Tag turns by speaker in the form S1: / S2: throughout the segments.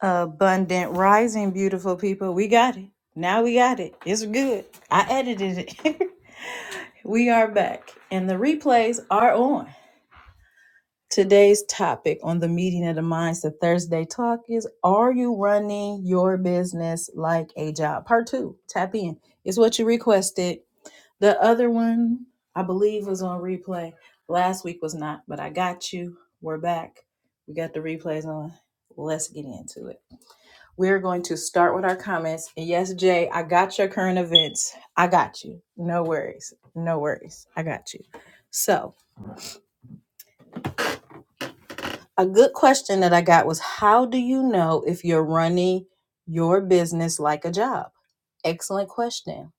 S1: Abundant rising, beautiful people. We got it. Now we got it. It's good. I edited it. we are back, and the replays are on. Today's topic on the Meeting of the Minds, the Thursday talk is Are you running your business like a job? Part two, tap in. It's what you requested. The other one, I believe, was on replay. Last week was not, but I got you. We're back. We got the replays on. Let's get into it. We're going to start with our comments. And yes, Jay, I got your current events. I got you. No worries. No worries. I got you. So, a good question that I got was How do you know if you're running your business like a job? Excellent question.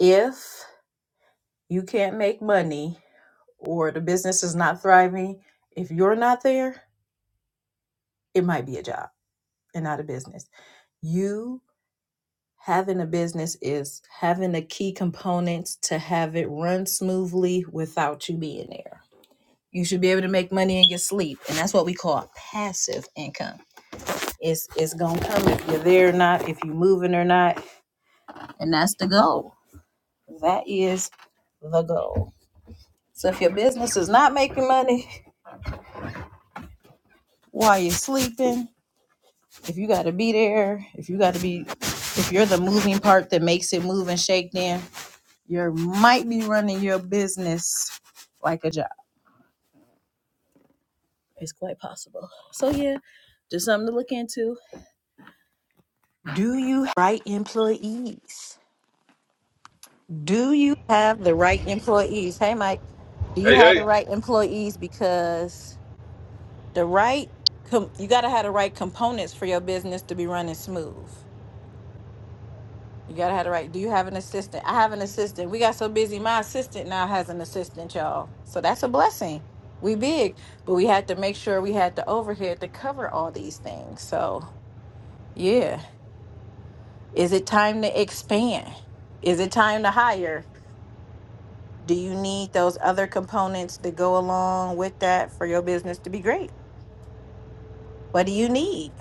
S1: If you can't make money or the business is not thriving, if you're not there, it might be a job and not a business. You having a business is having the key components to have it run smoothly without you being there. You should be able to make money in your sleep, and that's what we call passive income. It's it's gonna come if you're there or not, if you're moving or not, and that's the goal. That is the goal. So if your business is not making money while you're sleeping, if you got to be there, if you got to be, if you're the moving part that makes it move and shake, then You might be running your business like a job. It's quite possible. So yeah, just something to look into. Do you have the right employees? Do you have the right employees? Hey, Mike, do you
S2: Hey,
S1: have the
S2: hey.
S1: right employees? Because the right, com- you got to have the right components for your business to be running smooth. You gotta have the right. Do you have an assistant? I have an assistant. We got so busy. My assistant now has an assistant, y'all. So that's a blessing. We big, but we had to make sure we had the overhead to cover all these things. So yeah. Is it time to expand? Is it time to hire? Do you need those other components that go along with that for your business to be great? What do you need?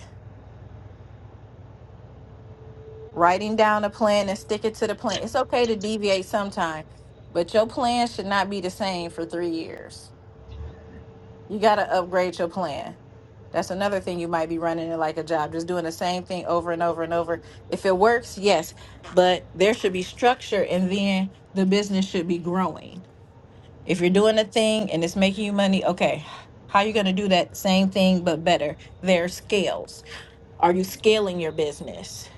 S1: Writing down a plan and stick it to the plan. It's okay to deviate sometime, but your plan should not be the same for three years You got to upgrade your plan. That's another thing you might be running it like a job, just doing the same thing over and over and over. If it works, yes, but there should be structure and then the business should be growing. If you're doing a thing and it's making you money, okay, how you going to do that same thing but better? There are scales. Are you scaling your business?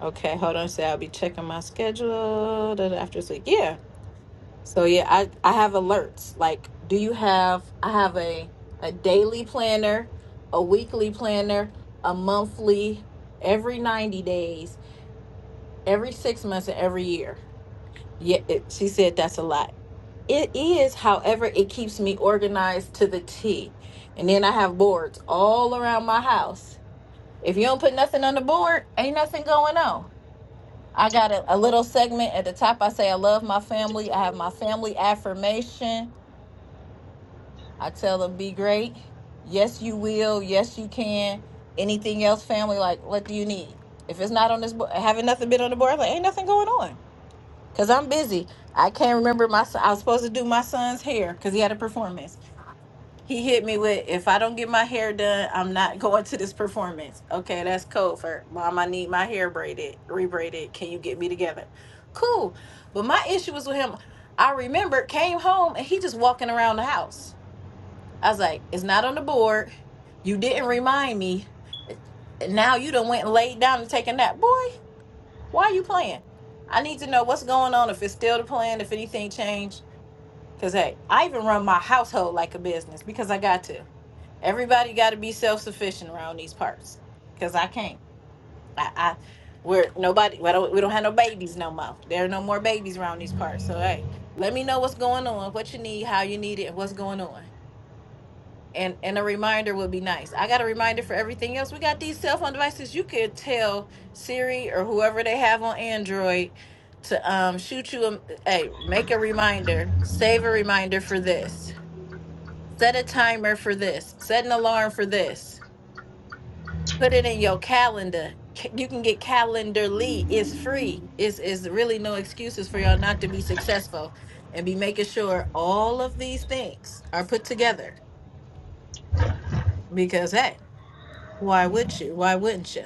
S1: Okay, hold on. So I'll be checking my schedule da- da- after sleep. Yeah So yeah, I I have alerts. Like, do you have? I have a a daily planner, a weekly planner, a monthly, every ninety days, every six months, and every year. Yeah, it, she said that's a lot. It is, however, it keeps me organized to the T. And then I have boards all around my house. If you don't put nothing on the board, ain't nothing going on. I got a, a little segment at the top. I say I love my family. I have my family affirmation. I tell them, be great. Yes, you will. Yes, you can. Anything else, family? Like, what do you need? If it's not on this board, having nothing been on the board, like, ain't nothing going on. Cause I'm busy. I can't remember my. Son, I was supposed to do my son's hair because he had a performance. He hit me with, "If I don't get my hair done, I'm not going to this performance." Okay, that's code for mom. I need my hair braided, rebraided. Can you get me together? Cool. But my issue was with him. I remember came home and he just walking around the house. I was like, it's not on the board. You didn't remind me. And Now you done went and laid down and taken that. Boy, why you playing? I need to know what's going on, if it's still the plan, if anything changed. Cause hey, I even run my household like a business because I got to. Everybody gotta be self-sufficient around these parts. Cause I can't. I, I we're nobody we don't, we don't have no babies no more. There are no more babies around these parts. So hey, let me know what's going on, what you need, how you need it, and what's going on. and and a reminder would be nice. I got a reminder for everything else. We got these cell phone devices. You could tell Siri or whoever they have on Android to um shoot you a hey, make a reminder, save a reminder for this, set a timer for this, set an alarm for this, put it in your calendar. Ca- You can get Calendarly. It's free. It's is really no excuses for y'all not to be successful and be making sure all of these things are put together Because hey. Why would you? Why wouldn't you?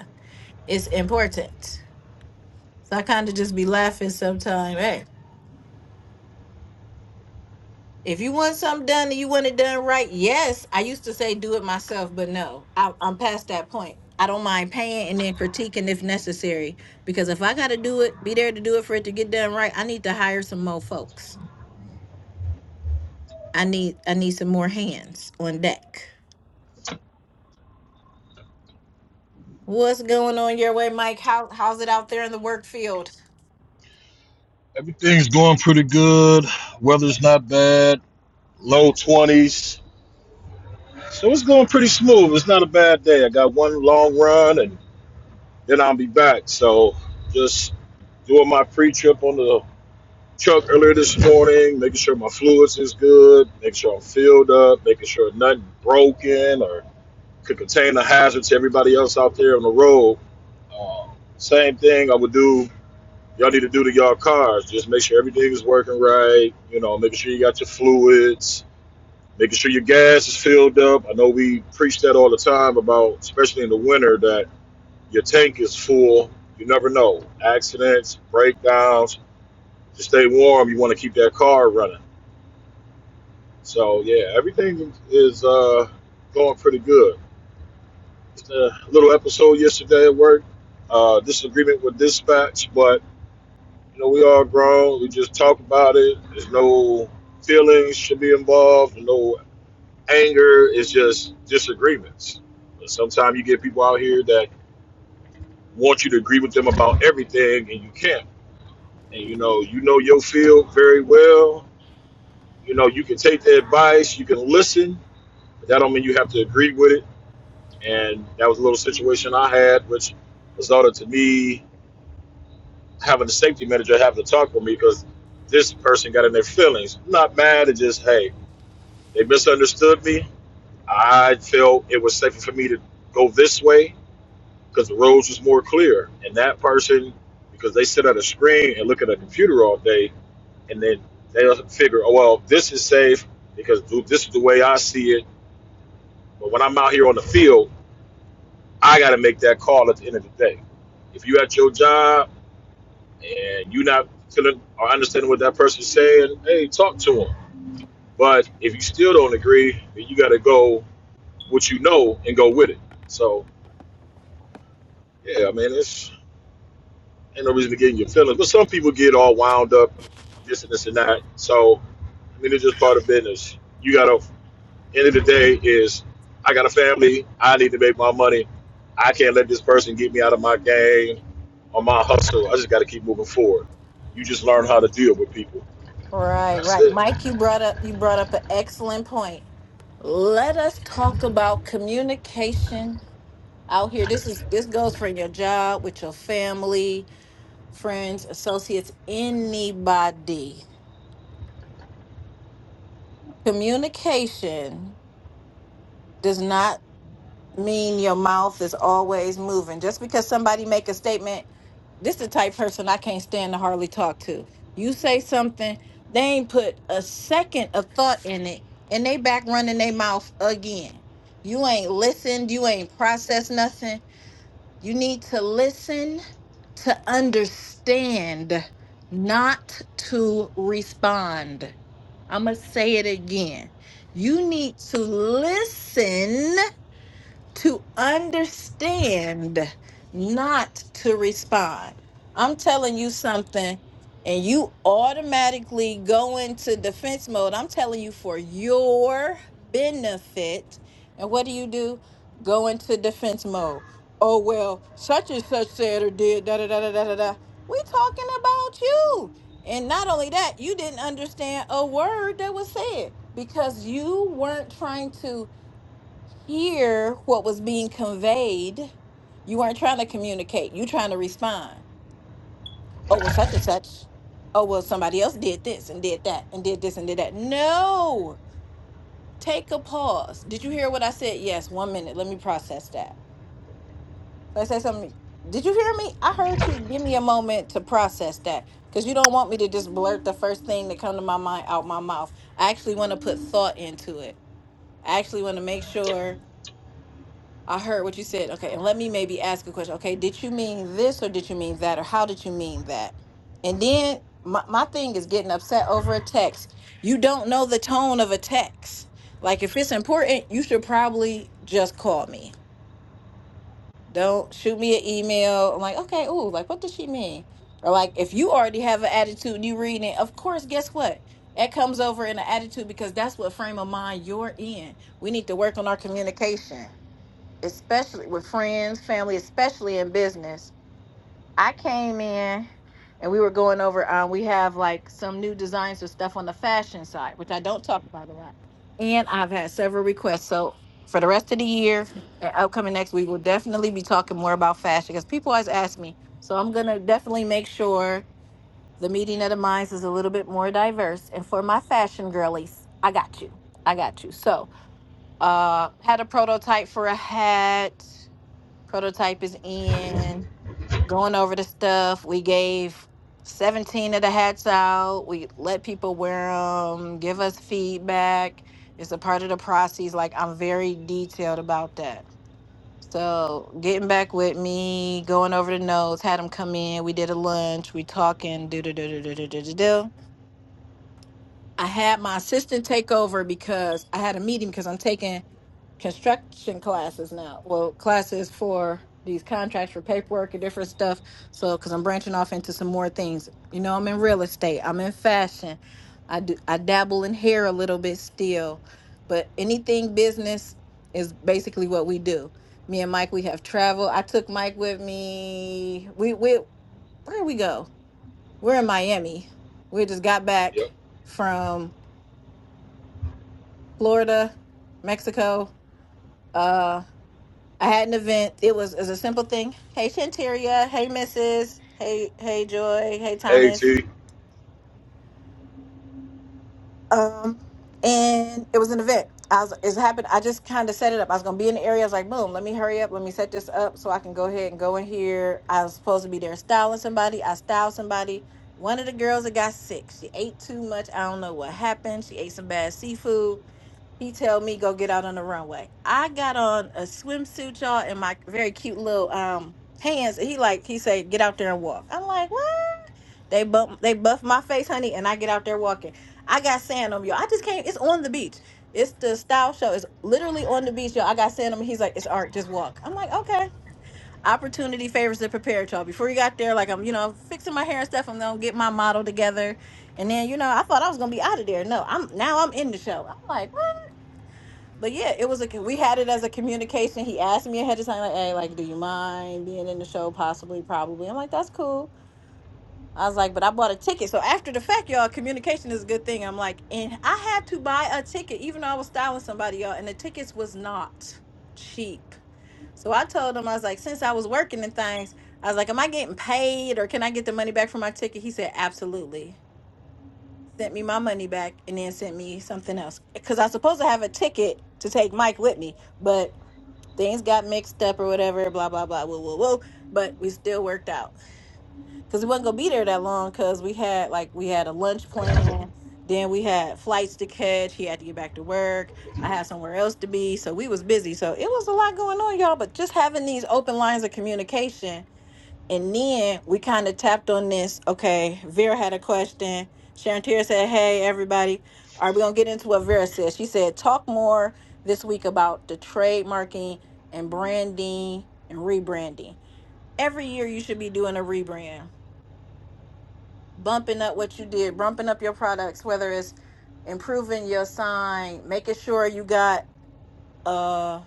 S1: It's important. So I kind of just be laughing sometimes. Hey, if you want something done and you want it done right, yes. I used to say do it myself, but no, I, I'm past that point. I don't mind paying and then critiquing if necessary, because if I got to do it, be there to do it for it to get done right. I need to hire some more folks. I need I need some more hands on deck. What's going on your way, Mike? How how's it out there in the work field?
S2: Everything's going pretty good. Weather's not bad. Low 20s. So it's going pretty smooth. It's not a bad day. I got one long run and then I'll be back. So just doing my pre trip on the truck earlier this morning, making sure my fluids is good, making sure I'm filled up, making sure nothing broken or could contain a hazard to everybody else out there on the road. Uh, same thing I would do y'all need to do to y'all cars. Just make sure everything is working right. You know, making sure you got your fluids, making sure your gas is filled up. I know we preach that all the time about, especially in the winter, that your tank is full. You never know. Accidents, breakdowns. To stay warm, you want to keep that car running. So yeah, everything is uh, going pretty good. Just a little episode yesterday at work. Uh, disagreement with dispatch, but You know, we all grown. We just talk about it. There's no feelings should be involved. No anger. It's just disagreements. But sometimes you get people out here that want you to agree with them about everything, and you can't. And you know, you know your field very well. You know, you can take the advice. You can listen. But that don't mean you have to agree with it. And that was a little situation I had, which resulted to me having the safety manager having to talk with me because this person got in their feelings. I'm Not mad. It just hey They misunderstood me. I felt it was safer for me to go this way because the roads was more clear. And that person, because they sit at a screen and look at a computer all day, and then they'll figure, oh, well, this is safe because this is the way I see it. But when I'm out here on the field, I got to make that call at the end of the day. If you at your job and you not feeling or understanding what that person's saying, hey, talk to them. But if you still don't agree, then you got to go what you know and go with it. So yeah, I mean, it's ain't no reason to get in your feelings. But some people get all wound up, this and this and that. So I mean, it's just part of business. You gotta. End of the day is, I got a family. I need to make my money. I can't let this person get me out of my game or my hustle. I just got to keep moving forward. You just learn how to deal with people.
S1: Right,
S2: That's
S1: right.
S2: it.
S1: Mike, you brought up you brought up an excellent point. Let us talk about communication out here. This is this goes from your job, with your family, friends, associates, anybody. Communication does not mean your mouth is always moving. Just because somebody make a statement, this the type of person I can't stand to hardly talk to. You say something, they ain't put a second of thought in it, and they back running their mouth again. You ain't listened, you ain't processed nothing You need to listen to understand, not to respond. I'm going to say it again. You need to listen to understand, not to respond. I'm telling you something, and you automatically go into defense mode. I'm telling you for your benefit. And what do you do? Go into defense mode. Oh, well, such and such said or did, da da da da da da. da. we talking about you. And not only that, you didn't understand a word that was said because you weren't trying to hear what was being conveyed. You weren't trying to communicate. You trying to respond. Oh, well, such and such. Oh, well, somebody else did this and did that and did this and did that. No. Take a pause. Did you hear what I said? Yes, one minute. Let me process that. Let I say something. Did you hear me? I heard you. Give me a moment to process that. Because you don't want me to just blurt the first thing that come to my mind out my mouth. I actually want to put thought into it. I actually want to make sure I heard what you said. Okay, and let me maybe ask a question. Okay, did you mean this or did you mean that or how did you mean that? And then my, my thing is getting upset over a text. You don't know the tone of a text. Like if it's important, you should probably just call me. Don't shoot me an email. I'm like, okay, ooh, like what does she mean? Or like if you already have an attitude and you reading it, of course, guess what? That comes over in an attitude because that's what frame of mind you're in. We need to work on our communication especially with friends, family, especially in business. I came in and we were going over um we have like some new designs or stuff on the fashion side, which I don't talk about a lot. And I've had several requests. So for the rest of the year and upcoming next we'll definitely be talking more about fashion because people always ask me. So I'm gonna definitely make sure the meeting of the minds is a little bit more diverse. And for my fashion girlies, I got you. I got you. So uh had a prototype for a hat Prototype is in, going over the stuff. We gave 17 of the hats out. We let people wear them, give us feedback. It's a part of the process. Like, I'm very detailed about that. So, getting back with me, going over the notes, had them come in. We did a lunch. We talking. Do do do do do do do do. I had my assistant take over because I had a meeting because I'm taking construction classes now. Well, classes for these contracts for paperwork and different stuff. So, because I'm branching off into some more things. You know, I'm in real estate. I'm in fashion. I do. I dabble in hair a little bit still, but anything business is basically what we do. Me and Mike, we have traveled. I took Mike with me. We we where did we go? We're in Miami. We just got back
S2: Yep.
S1: from Florida, Mexico. uh, I had an event. It was, it was a simple thing. Hey Shanteria. Hey Mrs. Hey Hey Joy. Hey
S2: Hey
S1: Thomas.
S2: T,
S1: Um, and it was an event. I was it happened. I just kind of set it up. I was gonna be in the area. I was like, boom, let me hurry up, let me set this up so I can go ahead and go in here. I was supposed to be there styling somebody. I styled somebody. One of the girls that got sick. She ate too much. I don't know what happened. She ate some bad seafood He told me go get out on the runway. I got on a swimsuit, y'all, and my very cute little um pants. And he like he said, get out there and walk. I'm like, what? They bump they buff my face, honey, and I get out there walking. I got sand on me, y'all. I just came. It's on the beach. It's the style show. It's literally on the beach, y'all. I got sand on me. He's like, it's art. Just walk. I'm like, okay. Opportunity favors the prepared, y'all. Before you got there, like I'm, you know, fixing my hair and stuff. I'm gonna get my model together. And then, you know, I thought I was gonna be out of there. No, I'm now I'm in the show. I'm like, but yeah, it was a we had it as a communication. He asked me ahead of time, like, "Hey, like, do you mind being in the show? Possibly, probably." I'm like, "That's cool." I was like, "But I bought a ticket." So after the fact, y'all, communication is a good thing. I'm like, and I had to buy a ticket, even though I was styling somebody, y'all, and the tickets was not cheap. So I told him, I was like, since I was working and things, I was like, "Am I getting paid, or can I get the money back for my ticket?" He said, "Absolutely." Sent me my money back, and then sent me something else because I was supposed to have a ticket to take Mike with me, but things got mixed up or whatever, blah blah blah, whoa whoa whoa. But we still worked out because we wasn't gonna be there that long because we had like we had a lunch plan, then we had flights to catch. He had to get back to work. I had somewhere else to be, so we was busy. So it was a lot going on, y'all. But just having these open lines of communication and then we kind of tapped on this. Okay, Vera had a question. Sharon Tier said, Hey, everybody, are we going to get into what Vera said? She said, Talk more this week about the trademarking and branding and rebranding. Every year, you should be doing a rebrand, bumping up what you did, bumping up your products, whether it's improving your sign, making sure you got uh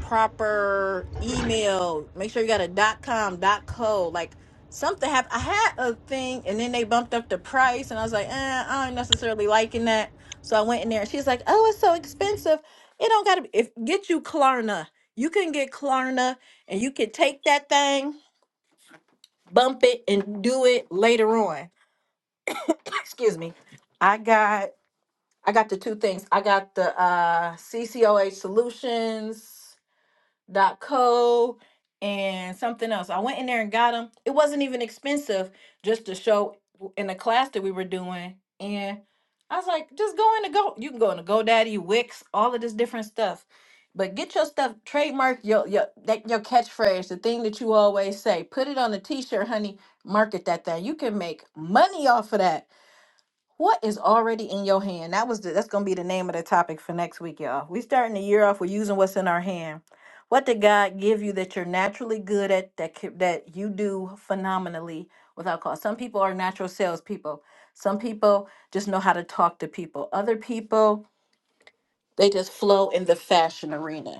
S1: proper email. Make sure you got a dot com, dot co. Like something happened. I had a thing and then they bumped up the price and I was like, eh, I don't necessarily liking that. So I went in there and she's like, Oh, it's so expensive. It don't gotta be if get you Klarna. You can get Klarna and you can take that thing, bump it, and do it later on. Excuse me. I got I got the two things. I got the uh CCOH solutions co and something else. I went in there and got them. It wasn't even expensive just to show in the class that we were doing. And I was like, just go in the go. You can go into GoDaddy, Wix, all of this different stuff. But get your stuff trademark your your that your catchphrase, the thing that you always say. Put it on a t-shirt, honey. Market that thing. You can make money off of that what is already in your hand? That was the, that's gonna be the name of the topic for next week, y'all. We starting the year off with using what's in our hand. What did God give you that you're naturally good at that ca- that you do phenomenally without cost? Some people are natural salespeople. Some people just know how to talk to people. Other people they just flow in the fashion arena.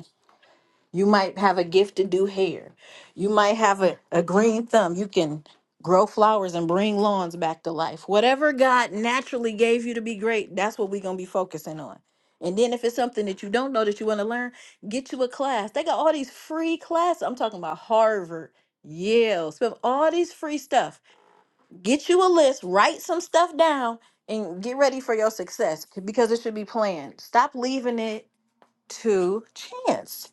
S1: You might have a gift to do hair. You might have a, a green thumb. You can grow flowers and bring lawns back to life. Whatever God naturally gave you to be great, that's what we're going to be focusing on. And then if it's something that you don't know that you want to learn, get you a class. They got all these free classes. I'm talking about Harvard, Yale, spend all these free stuff. Get you a list, write some stuff down, and get ready for your success because it should be planned. Stop leaving it to chance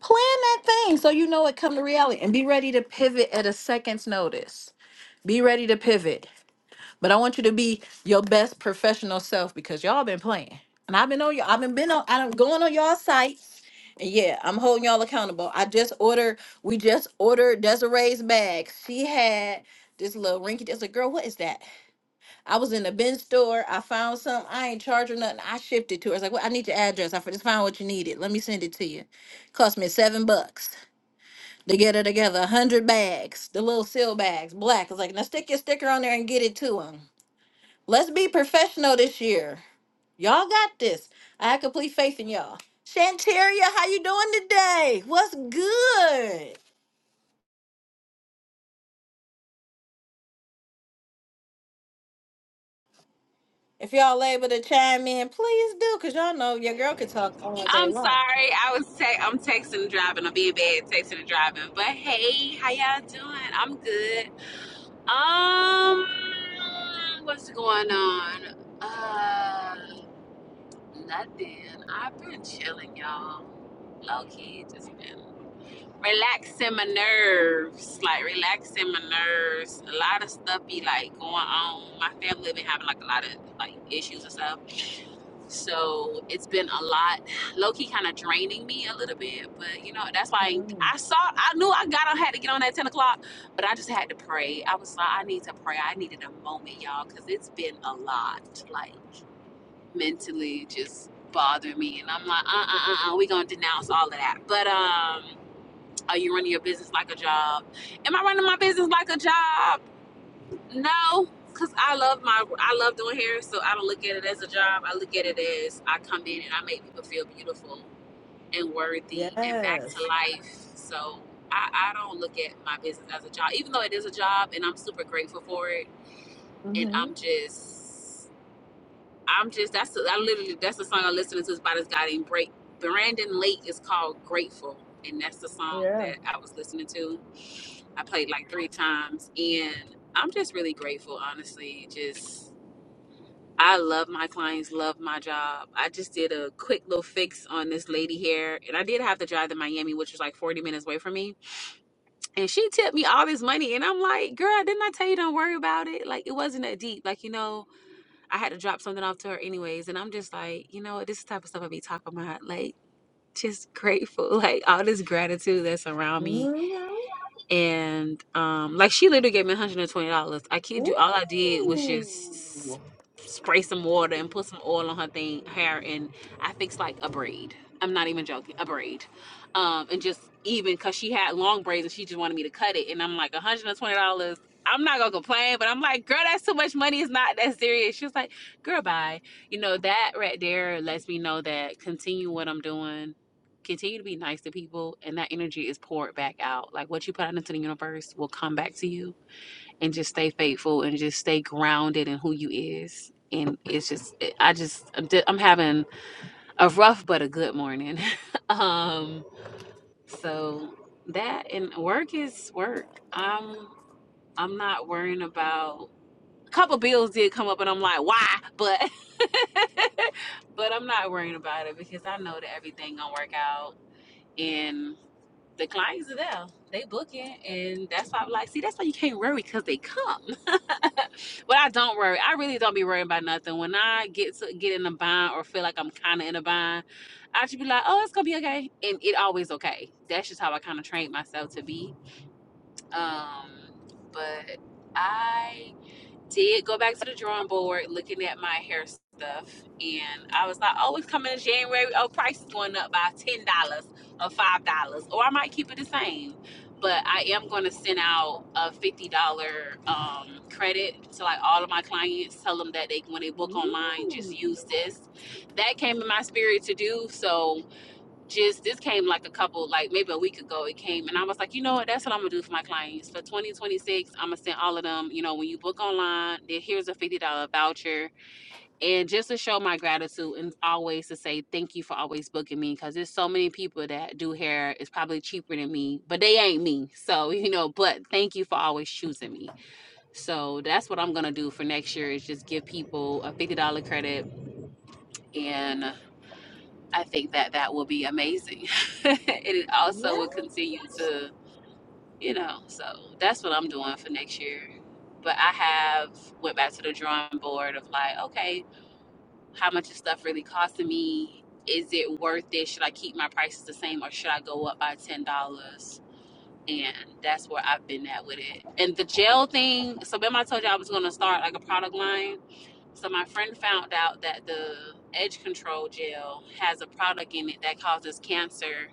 S1: plan that thing so you know it come to reality and be ready to pivot at a second's notice be ready to pivot but i want you to be your best professional self because y'all been playing and i've been on y'all i've been, been on i don't going on y'all site and yeah i'm holding y'all accountable i just ordered we just ordered desiree's bag she had this little rinky that's like girl what is that i was in the bin store i found some i ain't charged her nothing i shipped it to her It's like well i need your address i just found what you needed let me send it to you cost me seven bucks they get it together, a hundred bags, the little seal bags, black. It's like, now stick your sticker on there and get it to them. Let's be professional this year. Y'all got this. I have complete faith in y'all. Shantaria, how you doing today? What's good? If y'all able to chime in, please do, cause y'all know your girl could talk all
S3: I'm
S1: day long.
S3: sorry. I was te- I'm texting and driving. I'll be in bed texting and driving. But hey, how y'all doing? I'm good. Um, what's going on? Uh, nothing. I've been chilling, y'all. Low key, just been relaxing my nerves, like relaxing my nerves. A lot of stuff be like going on. My family been having like a lot of like issues and stuff. So it's been a lot, low key kind of draining me a little bit. But you know, that's why
S1: Mm,
S3: I, I saw, I knew I got on, had to get on at 10 o'clock, but I just had to pray. I was like, I need to pray. I needed a moment, y'all, because it's been a lot, like mentally just bothering me. And I'm like, uh uh uh, uh we going to denounce all of that. But, um, are you running your business like a job? Am I running my business like a job? No, cause I love my I love doing hair, so I don't look at it as a job. I look at it as I come in and I make people feel beautiful and worthy and back to
S1: Yes.
S3: life. So I, I don't look at my business as a job, even though it is a job and I'm super grateful for it. And
S1: Mm-hmm.
S3: I'm just I'm just that's I literally that's the song I'm listening to is by this guy named Break. Brandon Lake is called Grateful, and that's the song
S1: Yeah.
S3: that I was listening to. I played like three times, and I'm just really grateful, honestly. Just I love my clients, love my job. I just did a quick little fix on this lady here, and I did have to drive to Miami, which was like 40 minutes away from me. And she tipped me all this money, and I'm like, "Girl, didn't I tell you don't worry about it? Like it wasn't that deep. Like you know." I had to drop something off to her anyways. And I'm just like, you know what, this is the type of stuff I be talking about. Like, just grateful. Like all this gratitude that's around me
S1: hmm
S3: and um like she literally gave me $120 i kid you all i did was just
S1: Ooh.
S3: spray some water and put some oil on her thing hair and i fixed like a braid i'm not even joking a braid um and just even because she had long braids and she just wanted me to cut it and i'm like $120 I'm not gonna complain, but I'm like, girl, that's too much money. It's not that serious. She was like, girl, bye. You know, that right there lets me know that continue what I'm doing Continue to be nice to people, and that energy is poured back out. Like what you put out into the universe will come back to you, and just stay faithful and just stay grounded in who you is. And it's just, I just, I'm having a rough but a good morning. um, so that and work is work. I'm, I'm not worrying about. A couple bills did come up, and I'm like, why? But, but I'm not worrying about it because I know that everything gonna work out. And the clients are there. They booking, and that's why I'm like, see, that's why you can't worry because they come. but I don't worry. I really don't be worrying about nothing. When I get to get in a bind or feel like I'm kind of in a bind, I should be like, oh, it's gonna be okay, and it always okay. That's just how I kind of trained myself to be. Um, but I did go back to the drawing board looking at my hair stuff and I was like, Oh, it's coming in January. Oh, price is going up by ten dollars or five dollars. Or I might keep it the same. But I am gonna send out a fifty dollar um, credit to like all of my clients, tell them that they when they book online, just use this. That came in my spirit to do. So just this came like a couple like maybe a week ago it came and i was like you know what that's what i'm gonna do for my clients for 2026 i'm gonna send all of them you know when you book online there here's a $50 voucher and just to show my gratitude and always to say thank you for always booking me because there's so many people that do hair it's probably cheaper than me but they ain't me so you know but thank you for always choosing me so that's what i'm gonna do for next year is just give people a $50 credit and. I think that that will be amazing. and it also will continue to, you know, so that's what I'm doing for next year. But I have went back to the drawing board of like, okay, how much is stuff really costing me? Is it worth it? Should I keep my prices the same or should I go up by ten dollars? And that's where I've been at with it. And the gel thing, so remember I told you I was gonna start like a product line so my friend found out that the edge control gel has a product in it that causes cancer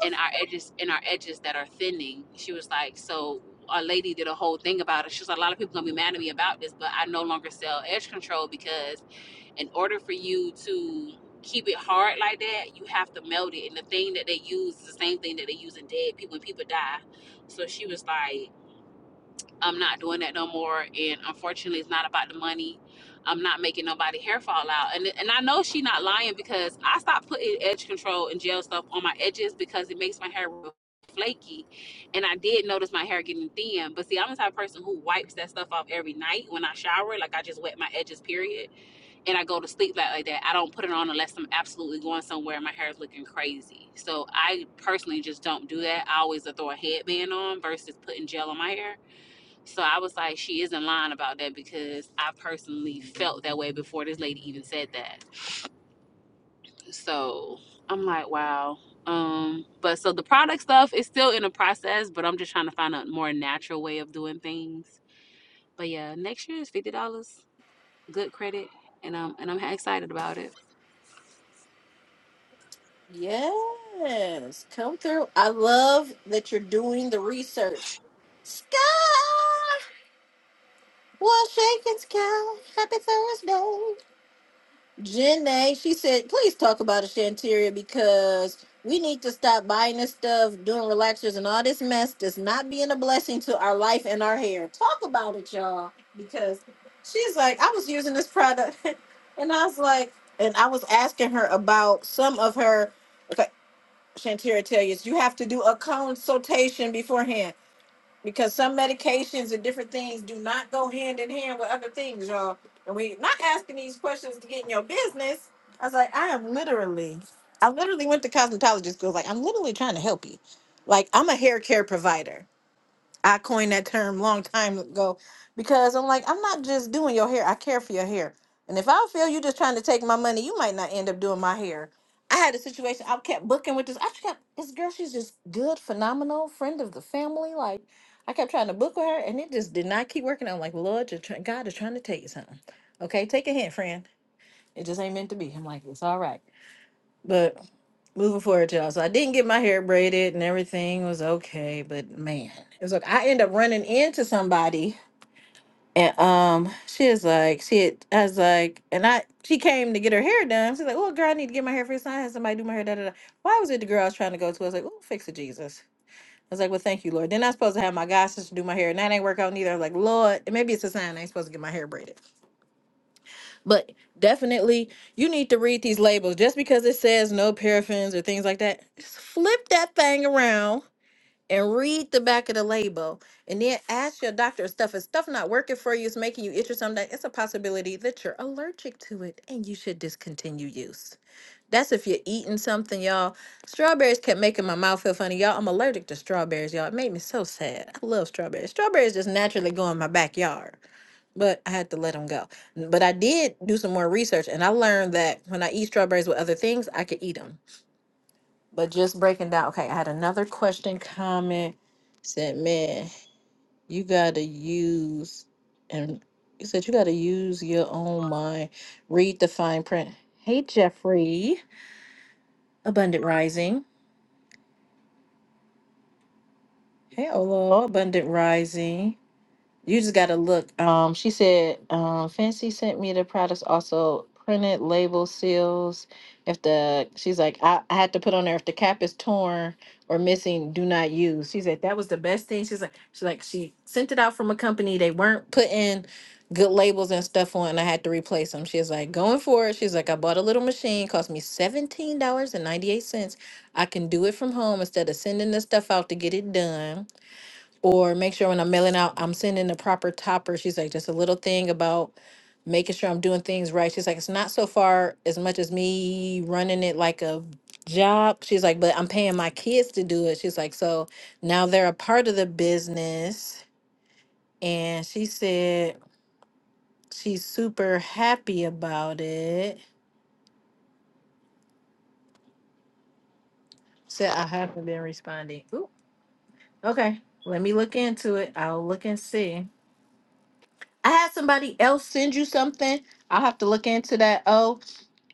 S3: in our edges in our edges that are thinning. She was like, so a lady did a whole thing about it. She was like, a lot of people gonna be mad at me about this, but I no longer sell edge control because in order for you to keep it hard like that, you have to melt it. And the thing that they use is the same thing that they use in dead people when people die. So she was like I'm not doing that no more. And unfortunately, it's not about the money. I'm not making nobody hair fall out. And and I know she not lying because I stopped putting edge control and gel stuff on my edges because it makes my hair real flaky. And I did notice my hair getting thin. But see, I'm the type of person who wipes that stuff off every night when I shower. Like I just wet my edges, period. And I go to sleep like, like that. I don't put it on unless I'm absolutely going somewhere and my hair is looking crazy. So I personally just don't do that. I always throw a headband on versus putting gel on my hair so I was like, she isn't lying about that because I personally felt that way before this lady even said that. So I'm like, wow. Um, but so the product stuff is still in the process, but I'm just trying to find a more natural way of doing things. But yeah, next year is fifty dollars, good credit, and um, and I'm excited about it.
S1: Yes, come through. I love that you're doing the research. Sky, well, shaking sky. Happy Thursday. Janae, she said, please talk about a Shanteria because we need to stop buying this stuff, doing relaxers, and all this mess that's not being a blessing to our life and our hair. Talk about it, y'all, because she's like, I was using this product, and I was like, and I was asking her about some of her. okay, Shantira tell you is you have to do a consultation beforehand because some medications and different things do not go hand in hand with other things, y'all. And we not asking these questions to get in your business. I was like, I am literally, I literally went to cosmetology school. Like, I'm literally trying to help you. Like, I'm a hair care provider. I coined that term long time ago because I'm like, I'm not just doing your hair. I care for your hair. And if I feel you just trying to take my money, you might not end up doing my hair. I had a situation. I kept booking with this. I kept this girl. She's just good, phenomenal friend of the family. Like I kept trying to book with her, and it just did not keep working. I'm like, Lord, you're try- God is trying to tell you something. Okay, take a hint, friend. It just ain't meant to be. I'm like, it's all right. But moving forward, y'all. So I didn't get my hair braided and everything was okay. But man, it was like I end up running into somebody. And um, she was like, she had, I was like, and I, she came to get her hair done. She's like, oh, girl, I need to get my hair fixed. I had somebody do my hair. Da, da, da. Why was it the girl I was trying to go to? I was like, oh, fix it, Jesus. I was like, well, thank you, Lord. Then I was supposed to have my god sister do my hair, and that ain't work out neither. I was like, Lord, and maybe it's a sign I ain't supposed to get my hair braided. But definitely, you need to read these labels. Just because it says no paraffins or things like that, just flip that thing around and read the back of the label. And then ask your doctor if stuff is stuff not working for you, it's making you itch or something. It's a possibility that you're allergic to it and you should discontinue use. That's if you're eating something, y'all. Strawberries kept making my mouth feel funny, y'all. I'm allergic to strawberries, y'all. It made me so sad. I love strawberries. Strawberries just naturally go in my backyard but I had to let them go. But I did do some more research and I learned that when I eat strawberries with other things, I could eat them. But just breaking down, okay, I had another question comment said, man, you got to use, and you said you got to use your own mind, read the fine print. Hey, Jeffrey, Abundant Rising. Hey, Olo, Abundant Rising. You just gotta look. Um, she said, um, Fancy sent me the products also printed label seals. If the she's like, I, I had to put on there if the cap is torn or missing, do not use. She said that was the best thing. She's like, she's like, she sent it out from a company. They weren't putting good labels and stuff on, and I had to replace them. She's like, going for it. She's like, I bought a little machine, cost me seventeen dollars and ninety eight cents. I can do it from home instead of sending this stuff out to get it done or make sure when I'm mailing out, I'm sending the proper topper. She's like, just a little thing about making sure I'm doing things right. She's like, it's not so far as much as me running it like a job. She's like, but I'm paying my kids to do it. She's like, so now they're a part of the business. And she said she's super happy about it. Said I haven't been responding. Ooh, okay. Let me look into it. I'll look and see. I had somebody else send you something. I'll have to look into that. Oh,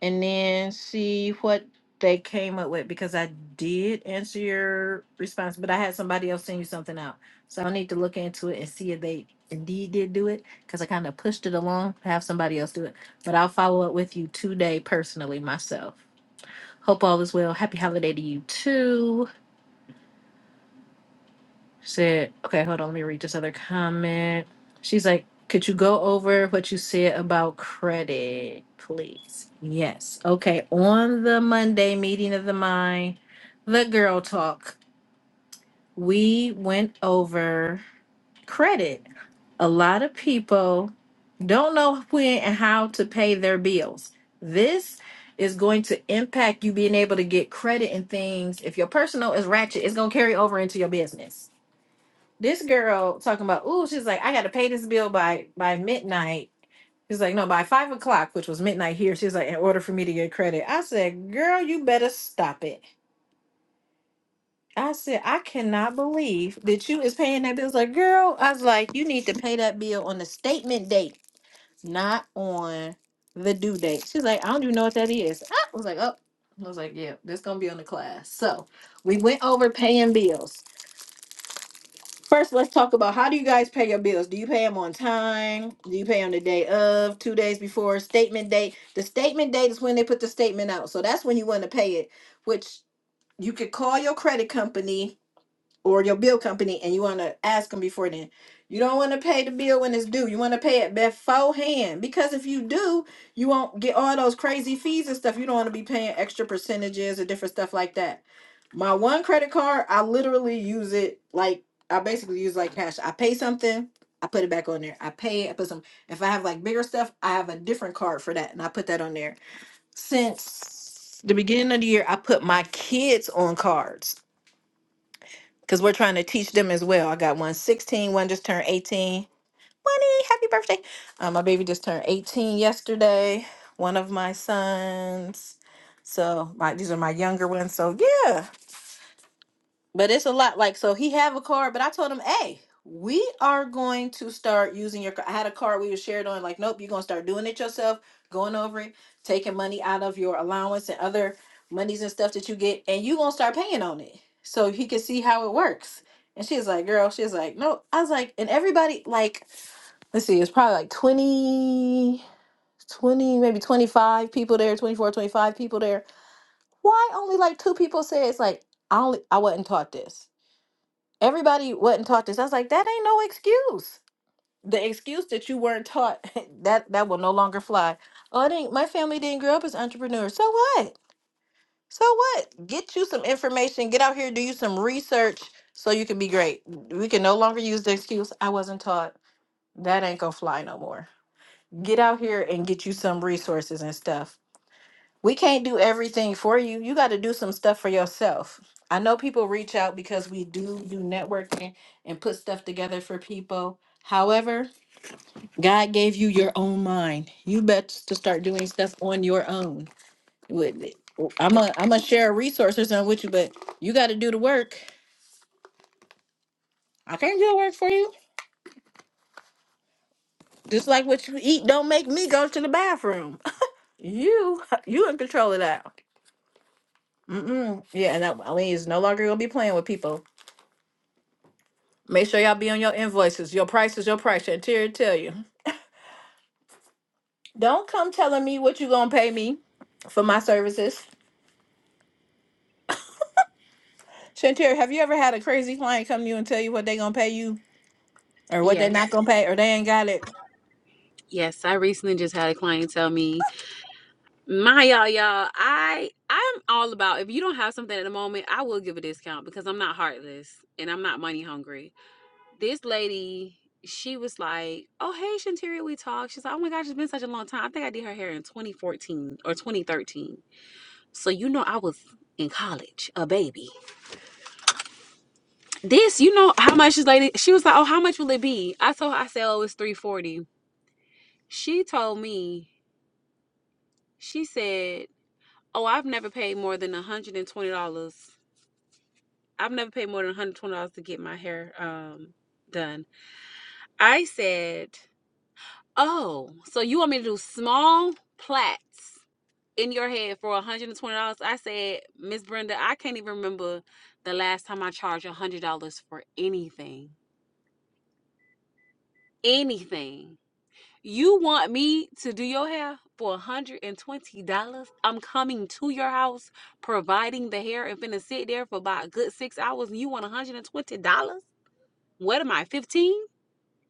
S1: and then see what they came up with because I did answer your response, but I had somebody else send you something out. So I need to look into it and see if they indeed did do it because I kind of pushed it along to have somebody else do it. But I'll follow up with you today personally myself. Hope all is well. Happy holiday to you too. Said, okay, hold on, let me read this other comment. She's like, could you go over what you said about credit, please? Yes. Okay. On the Monday meeting of the mind, the girl talk, we went over credit. A lot of people don't know when and how to pay their bills. This is going to impact you being able to get credit and things. If your personal is ratchet, it's going to carry over into your business this girl talking about, oh, she's like, I gotta pay this bill by by midnight. She's like, no, by five o'clock, which was midnight here. She's like, in order for me to get credit. I said, girl, you better stop it. I said, I cannot believe that you is paying that bill. I was like, girl, I was like, you need to pay that bill on the statement date, not on the due date. She's like, I don't even know what that is. I was like, oh, I was like, yeah, this gonna be on the class. So we went over paying bills. First, let's talk about how do you guys pay your bills? Do you pay them on time? Do you pay on the day of, two days before, statement date? The statement date is when they put the statement out. So that's when you want to pay it, which you could call your credit company or your bill company and you want to ask them before then. You don't want to pay the bill when it's due. You want to pay it beforehand because if you do, you won't get all those crazy fees and stuff. You don't want to be paying extra percentages or different stuff like that. My one credit card, I literally use it like I basically use like cash. I pay something, I put it back on there. I pay it, I put some. If I have like bigger stuff, I have a different card for that and I put that on there. Since the beginning of the year, I put my kids on cards because we're trying to teach them as well. I got one 16, one just turned 18. Money, happy birthday. Uh, my baby just turned 18 yesterday, one of my sons. So my these are my younger ones. So yeah. But it's a lot. Like, so he have a card, but I told him, hey, we are going to start using your. ca-" I had a card we were shared on. Like, nope, you're gonna start doing it yourself, going over it, taking money out of your allowance and other monies and stuff that you get, and you gonna start paying on it, so he can see how it works. And she's like, girl, she's like, no. I was like, and everybody, like, let's see, it's probably like 20, 20, maybe 25 people there, 24, 25 people there. Why only like two people say it's like, I only, I wasn't taught this. Everybody wasn't taught this. I was like, that ain't no excuse. The excuse that you weren't taught that that will no longer fly. Oh, I didn't. My family didn't grow up as entrepreneurs. So what? So what? Get you some information. Get out here. Do you some research so you can be great. We can no longer use the excuse I wasn't taught. That ain't gonna fly no more. Get out here and get you some resources and stuff we can't do everything for you. You got to do some stuff for yourself. I know people reach out because we do do networking and put stuff together for people. However, God gave you your own mind. You bet to start doing stuff on your own. With it. I'm a I'm gonna share resources on with you, but you got to do the work. I can't do the work for you. Just like what you eat, don't make me go to the bathroom. You you in control of that. Mm-mm. Yeah, and that, I mean, it's no longer gonna be playing with people Make sure y'all be on your invoices. Your price is your price. Shantira, tell you. Don't come telling me what you gonna pay me for my services. Shantira, have you ever had a crazy client come to you and tell you what they gonna pay you or what they not
S3: Yes,
S1: gonna pay or they ain't got it?
S3: yes. I recently just had a client tell me, my y'all, y'all, I I'm all about if you don't have something at the moment, I will give a discount because I'm not heartless and I'm not money hungry this lady, she was like, "Oh hey, Shanteria, we talked." She's like, "Oh my gosh, it's been such a long time. I think I did her hair in 2014 or 2013." So you know, I was in college, a baby. This, you know, how much this lady? She was like, "Oh, how much will it be?" I told her, I said, "Oh, it's 340." She told me, she said, "Oh, I've never paid more than 120 dollars. I've never paid more than 120 dollars to get my hair um done." I said. Oh, so you want me to do small plaits in your head for $120? I said, Miss Brenda, I can't even remember the last time I charged $100 for anything. Anything. You want me to do your hair for $120? I'm coming to your house, providing the hair, and finna sit there for about a good six hours, and you want $120? What am I, 15?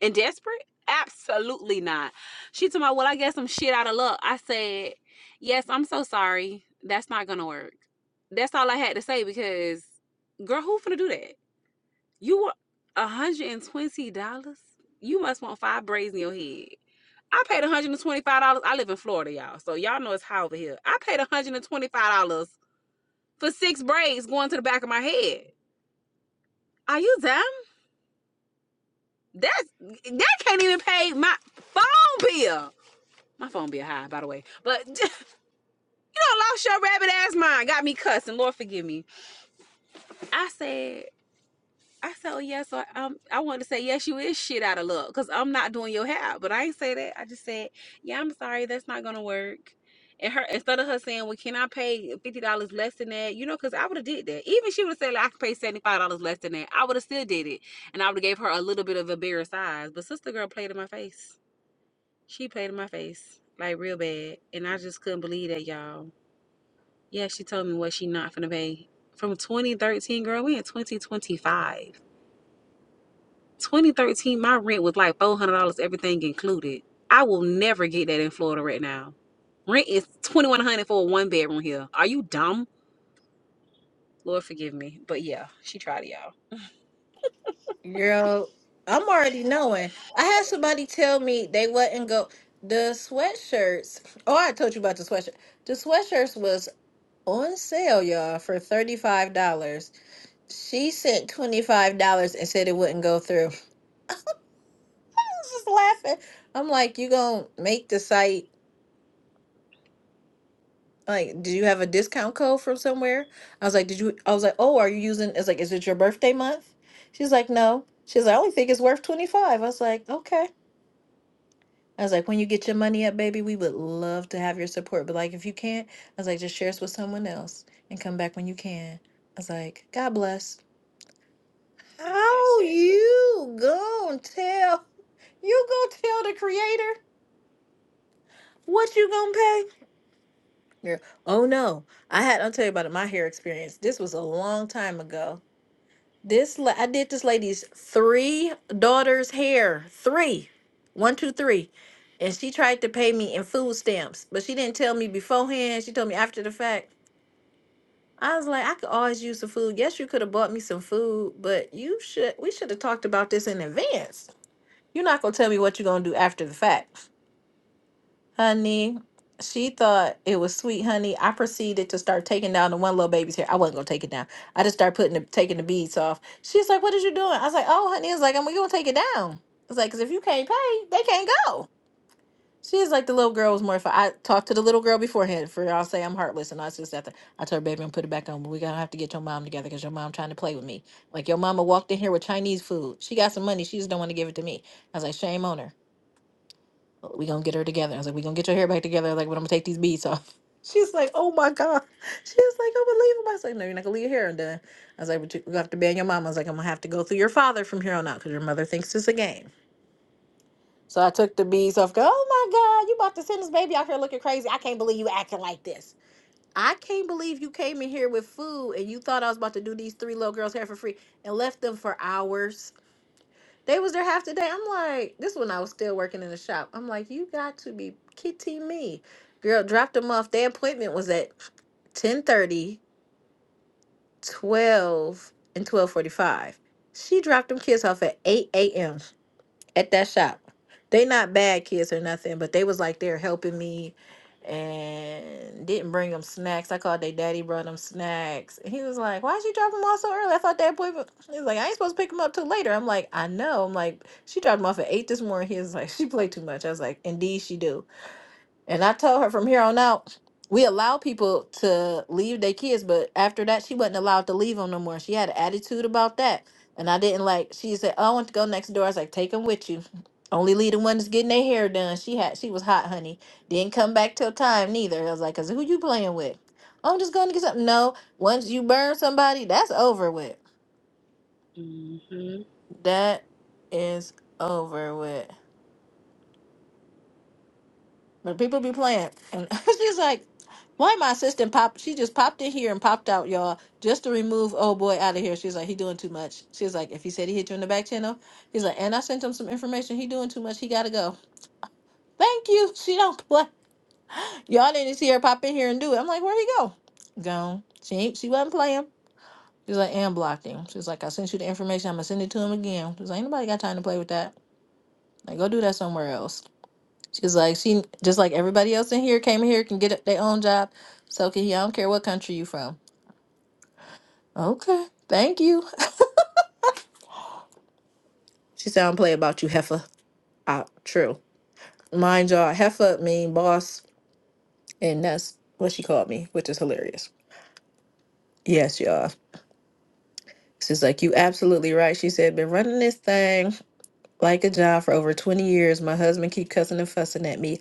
S3: and desperate? Absolutely not. She told me, Well, I guess I'm shit out of luck. I said, Yes, I'm so sorry. That's not gonna work. That's all I had to say because girl, who finna do that? You were one hundred and twenty dollars? You must want five braids in your head. I paid $125. I live in Florida, y'all. So y'all know it's high over here. I paid $125 for six braids going to the back of my head. Are you dumb? That's that can't even pay my phone bill. My phone be a high, by the way. But you know, lost your rabbit ass mind. Got me cussing. Lord forgive me. I said, I said, oh, yes. Yeah, So um, I wanted to say, yes, you is shit out of luck because I'm not doing your hair. But I ain't say that. I just said, yeah, I'm sorry. That's not going to work. And her, instead of her saying, well, can I pay $50 less than that? You know, because I would have did that. Even she would have said, like, I could pay $75 less than that. I would have still did it. And I would have gave her a little bit of embarrassed eyes. But sister girl played in my face. She played in my face like real bad. And I just couldn't believe that, y'all. Yeah, she told me what she not finna pay. From 2013, girl, we in 2025. 2013, my rent was like $400, everything included. I will never get that in Florida right now. Rent is 2100 for a one bedroom here. Are you dumb? Lord forgive me. But yeah, she tried it, y'all.
S1: Girl, I'm already knowing. I had somebody tell me they wouldn't go. The sweatshirts. Oh, I told you about the sweatshirt. The sweatshirts was on sale, y'all, for $35. She sent $25 and said it wouldn't go through. just laughing. I'm like, you gonna make the site like, do you have a discount code from somewhere? I was like, did you? I was like, oh, are you using? It's like, is it your birthday month? She's like, no. She's like, I only think it's worth 25. I was like, okay. I was like, when you get your money up, baby, we would love to have your support. But like, if you can't, I was like, just share us with someone else and come back when you can. I was like, God bless. How
S3: Exactly.
S1: you gonna tell? You gonna tell the creator what you gonna pay? Yeah. Oh no. I had I'll tell you about my hair experience. This was a long time ago. This la- I did this lady's three daughters' hair. Three. One, two, three. And she tried to pay me in food stamps, but she didn't tell me beforehand. She told me after the fact. I was like, I could always use some food. Yes, you could have bought me some food, but you should we should have talked about this in advance. You're not gonna tell me what you're gonna do after the fact. Honey, she thought it was sweet, honey. I proceeded to start taking down the one little baby's hair. I wasn't gonna take it down. I just started putting the taking the beads off. She's like, "What is you doing?" I was like, "Oh, honey." It's like, "I'm gonna take it down." It's like, "Cause if you can't pay, they can't go." She's like, "The little girl was more." I talked to the little girl beforehand. For y'all say I'm heartless and all this just that. that. I told her, "Baby, I'm gonna put it back on, but we gotta have to get your mom together because your mom trying to play with me. Like your mama walked in here with Chinese food. She got some money. She just don't want to give it to me." I was like, "Shame on her." we gonna get her together. I was like, we gonna get your hair back together. I was like, but I'm gonna take these beads off. She's like, oh my god. She's like, unbelievable. I was like, no, you're not gonna leave your hair undone. I was like, but you you have to ban your mom. I was like, I'm gonna have to go through your father from here on out because your mother thinks it's a game. So I took the beads off. Go, oh my god, you about to send this baby out here looking crazy. I can't believe you acting like this. I can't believe you came in here with food and you thought I was about to do these three little girls hair for free and left them for hours. They was there half the day. I'm like, this when I was still working in the shop. I'm like, you got to be kidding me. Girl, dropped them off. Their appointment was at ten thirty, twelve, and 12:45. She dropped them kids off at 8 a.m at that shop. They not bad kids or nothing, but they was like they're helping me and didn't bring them snacks. I called their daddy, brought them snacks. And he was like, Why'd you drop them off so early? I thought that boy was he like, I ain't supposed to pick him up till later. I'm like, I know. I'm like, she dropped him off at eight this morning. He was like, She played too much. I was like, Indeed she do. And I told her from here on out, we allow people to leave their kids, but after that, she wasn't allowed to leave them no more. She had an attitude about that. And I didn't like, she said, oh, I want to go next door. I was like, take them with you. Only leave the ones getting their hair done. She had, she was hot, honey. Didn't come back till time neither. I was like, cause who you playing with? "Oh, I'm just going to get something. No, once you burn somebody, that's over with.
S3: hmm
S1: That is over with. But people be playing. And she's like, why my assistant pop? She just popped in here and popped out, y'all, just to remove old boy out of here. She's like, he doing too much. She's like, if he said he hit you in the back channel, he's like, and I sent him some information. He doing too much. He gotta go. Thank you. She don't play. Y'all didn't see her pop in here and do it. I'm like, where he go? Gone. She ain't, she wasn't playing. She's like, and blocked him. She's like, I sent you the information. I'm gonna send it to him again. She's like, ain't nobody got time to play with that. Like, go do that somewhere else. She's like, she just like everybody else in here came in here can get their own job. So can he? I don't care what country you from. Okay, thank you. She said, I don't play about you, heifer. Ah, true. Mind y'all, heifer mean boss, and that's what she called me, which is hilarious. Yes, y'all. She's like, you absolutely right. She said, been running this thing. like a job for over 20 years. My husband keep cussing and fussing at me.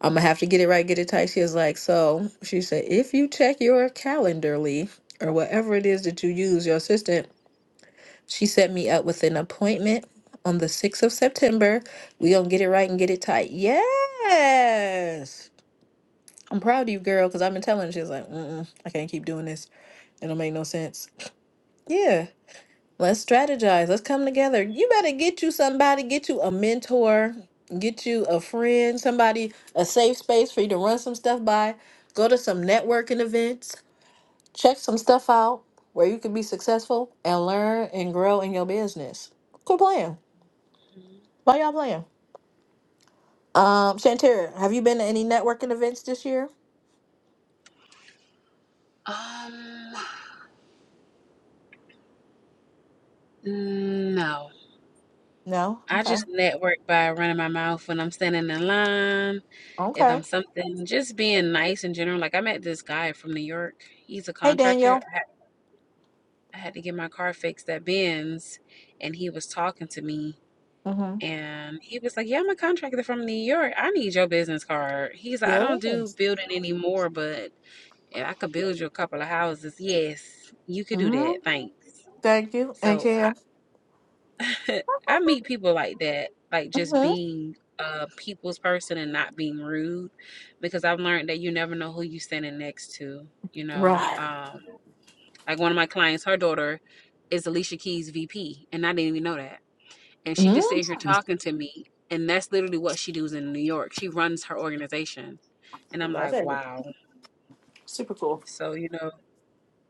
S1: I'm gonna have to get it right, get it tight. She was like, so she said, if you check your calendarly or whatever it is that you use, your assistant, she set me up with an appointment on the 6th of September. We gonna get it right and get it tight. Yes. I'm proud of you, girl, because I've been telling her, she was like, mm-mm, I can't keep doing this. It don't make no sense. Yeah. Let's strategize. Let's come together. You better get you somebody, get you a mentor, get you a friend, somebody, a safe space for you to run some stuff by. Go to some networking events, check some stuff out where you can be successful and learn and grow in your business. Quit playing. Why y'all playing? Um, Shantira, have you been to any networking events this year?
S3: Um, no,
S1: No?
S3: I
S1: Okay.
S3: just network by running my mouth when I'm standing in line. If
S1: Okay.
S3: I'm something, just being nice in general. Like I met this guy from New York. He's a
S1: Hey,
S3: contractor.
S1: Daniel.
S3: I had, I had to get my car fixed at Ben's, and he was talking to me.
S1: Mm-hmm.
S3: And he was like, "Yeah, I'm a contractor from New York. I need your business card." He's like, "I don't do
S1: Yes.
S3: building anymore, but if I could build you a couple of houses, yes, you could do
S1: Mm-hmm.
S3: that. Thanks."
S1: Thank you. And
S3: So
S1: Kim.
S3: I meet people like that, like just
S1: Mm-hmm.
S3: being a people's person and not being rude, because I've learned that you never know who you're standing next to. You know,
S1: Right.
S3: um, like one of my clients, her daughter is Alicia Keys' VP, and I didn't even know that. And she
S1: Mm-hmm.
S3: just sitting here talking to me, and that's literally what she does in New York. She runs her organization, and I'm
S1: Love
S3: like,
S1: it.
S3: wow.
S1: Super cool.
S3: So you know.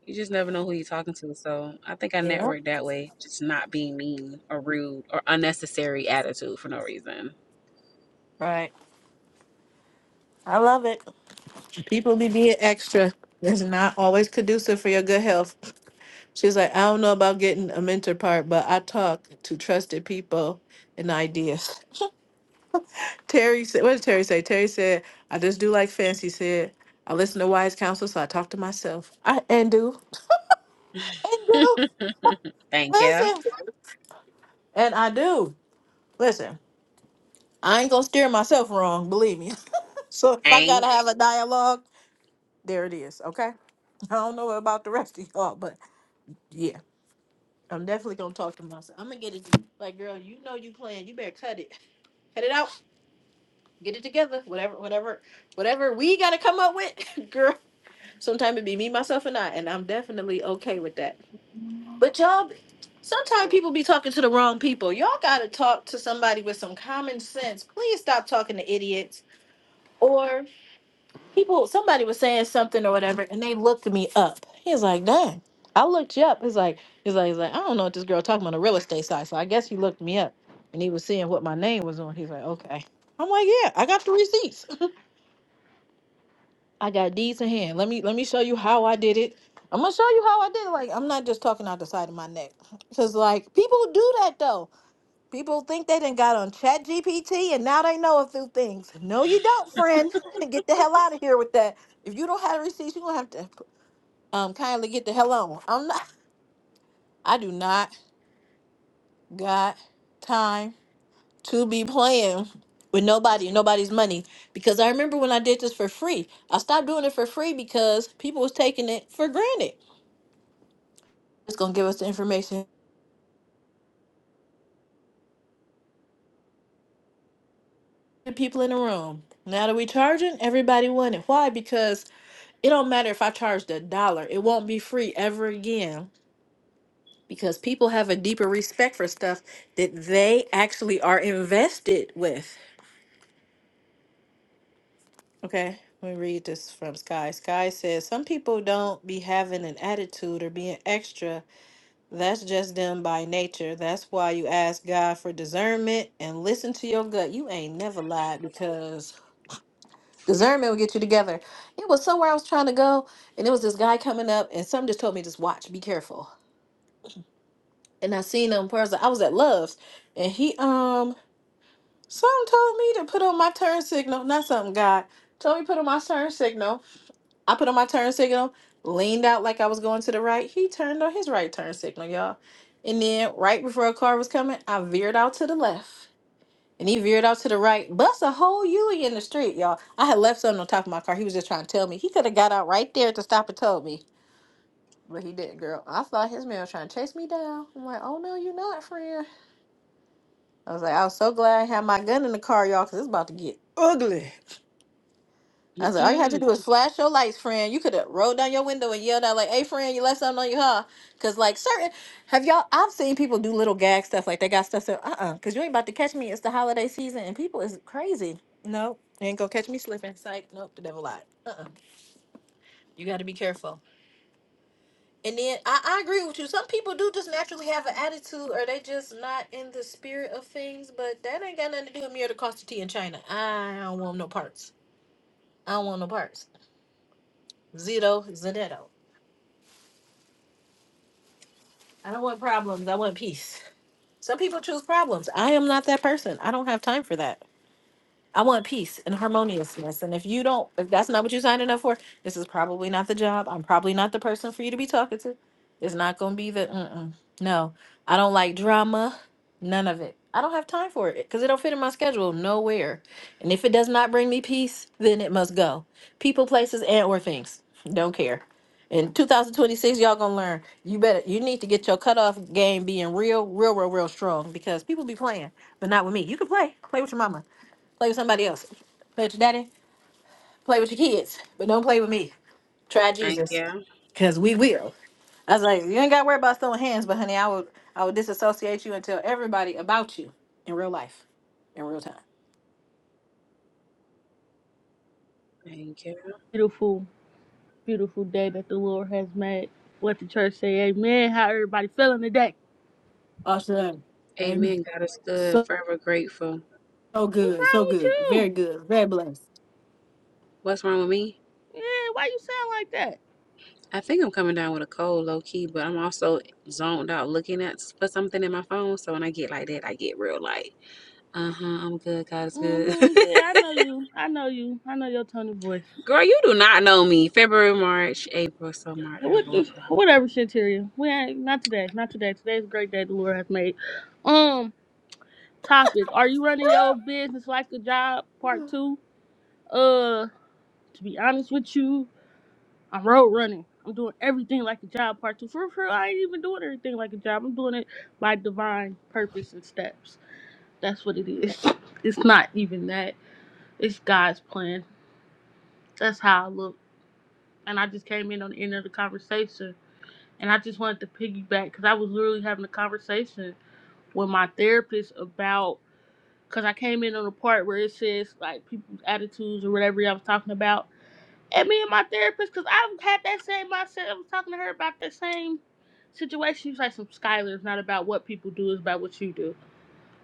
S3: You just never know who you're talking to. So I think I
S1: Yeah.
S3: network that way, just not being mean or rude or unnecessary attitude for no reason.
S1: Right. I love it. People be being extra. It's not always conducive for your good health. She's like, I don't know about getting a mentor part, but I talk to trusted people and ideas. Terry said, what did Terry say? Terry said, I just do like Fancy said. I listen to wise counsel, so I talk to myself. I and do. And do.
S3: Thank you.
S1: Listen. And I do. Listen. I ain't gonna steer myself wrong, believe me. so if I gotta
S3: Ain't.
S1: have a dialogue, there it is. Okay. I don't know about the rest of y'all, but yeah, I'm definitely gonna talk to myself. I'm gonna get it. to- Like, girl, you know you playing. You better cut it, cut it out, get it together. Whatever, whatever, whatever we gotta come up with, girl. Sometimes it be me, myself, and I, and I'm definitely okay with that. But y'all, sometimes people be talking to the wrong people. Y'all gotta talk to somebody with some common sense. Please stop talking to idiots or. people somebody was saying something or whatever and they looked me up he's like dang i looked you up he's like he's like he's like i don't know what this girl talking about on the real estate side so i guess he looked me up and he was seeing what my name was on he's like okay i'm like yeah i got the receipts i got deeds in hand let me let me show you how i did it i'm gonna show you how i did it like i'm not just talking out the side of my neck because like people do that though People think they done got on Chat GPT and now they know a few things. No, you don't, friend. Get the hell out of here with that. If you don't have receipts, you're gonna have to um kindly get the hell on. I'm not I do not got time to be playing with nobody and nobody's money. Because I remember when I did this for free. I stopped doing it for free because people was taking it for granted. It's gonna give us the information. The people in the room. Now that we charging, everybody want it. Why? Because It don't matter if I charged a dollar, it won't be free ever again because people have a deeper respect for stuff that they actually are invested with. Okay, let me read this from Sky. Sky says, Some people don't be having an attitude or being extra. That's just them by nature. That's why you ask God for discernment and listen to your gut. You ain't never lied because discernment will get you together. It was somewhere I was trying to go, and it was this guy coming up, and something just told me, Just watch, be careful. and I seen him in person. I was at Love's, and he um something told me to put on my turn signal. Not something God told me to put on my turn signal. I put on my turn signal, leaned out like I was going to the right. He turned on his right turn signal, y'all. And then right before a car was coming, I veered out to the left. And he veered out to the right. Bust a whole U in the street, y'all. I had left something on top of my car. He was just trying to tell me. He could have got out right there to stop and told me. But he didn't, girl. I thought his man was trying to chase me down. I'm like, oh no, you're not, friend. I was like, I was so glad I had my gun in the car, y'all, because it's about to get ugly. I said, all you had to
S3: Mm-mm.
S1: do is flash your lights, friend. You could have rolled down your window and yelled out, like, hey, friend, you left something on your car. Because, like, certain, have y'all, I've seen people do little gag stuff, like they got stuff, so, uh uh because you ain't about to catch me. It's the holiday season, and people is crazy. No, you ain't gonna catch me slipping. Psych, nope, the devil lied. Uh uh you got to be careful. And then I, I agree with you. Some people do just naturally have an attitude or they just not in the spirit of things, but that ain't got nothing to do with me or the cost of tea in China. I don't want no parts. I don't want no parts. Zito, Zanetto. I don't want problems. I want peace. Some people choose problems. I am not that person. I don't have time for that. I want peace and harmoniousness. And if you don't, if that's not what you're signing up for, this is probably not the job. I'm probably not the person for you to be talking to. It's not going to be the, mm-mm. no, I don't like drama. None of it. I don't have time for it because it don't fit in my schedule nowhere. And if it does not bring me peace, then it must go. People, places, and or things. Don't care. In 2026, y'all gonna learn. You better. You need to get your cutoff game being real, real, real, real strong because people be playing, but not with me. You can play. Play with your mama Play with somebody else. Play with your daddy. Play with your kids. But don't play with me. Try
S3: Thank
S1: Jesus.
S3: you.
S1: Cause we will. I was like, you ain't gotta worry about throwing hands, but honey, I would I would disassociate you and tell everybody about you in real life. In real time.
S3: Thank you.
S4: beautiful, beautiful day that the Lord has made. Let the church say amen. How everybody feeling today?
S1: Awesome. Amen.
S3: Amen. God is good.
S1: So,
S3: Forever grateful.
S1: so
S4: What's
S1: good. So
S4: wrong with
S1: good. Very
S4: you?
S1: good. Very blessed.
S3: What's wrong with me?
S4: Yeah, why you sound like that?
S3: I think I'm coming down with a cold, low key, but I'm also zoned out looking at s- for something in my phone. So when I get like that, I get real light. Uh huh. I'm good. God is good.
S4: hmm Yeah, I know you. I know you. I know your tone of voice.
S3: Girl, you do not know me. February, March, April, so March.
S4: What whatever, Shantiria. We ain't not today. Not today. Today's a great day the Lord has made. Um, topic. Are you running your business like a job? Part two. Uh, to be honest with you, I'm road running. I'm doing everything like a job part two. For real, I ain't even doing everything like a job. I'm doing it by divine purpose and steps. That's what it is. It's not even that. It's God's plan. That's how I look. And I just came in on the end of the conversation. And I just wanted to piggyback because I was literally having a conversation with my therapist about because I came in on the part where it says like people's attitudes or whatever I was talking about. and me and my therapist, because I've had that same mindset. I was talking to her about the same situation. She was like, "Some Skylar, it's not about what people do, it's about what you do."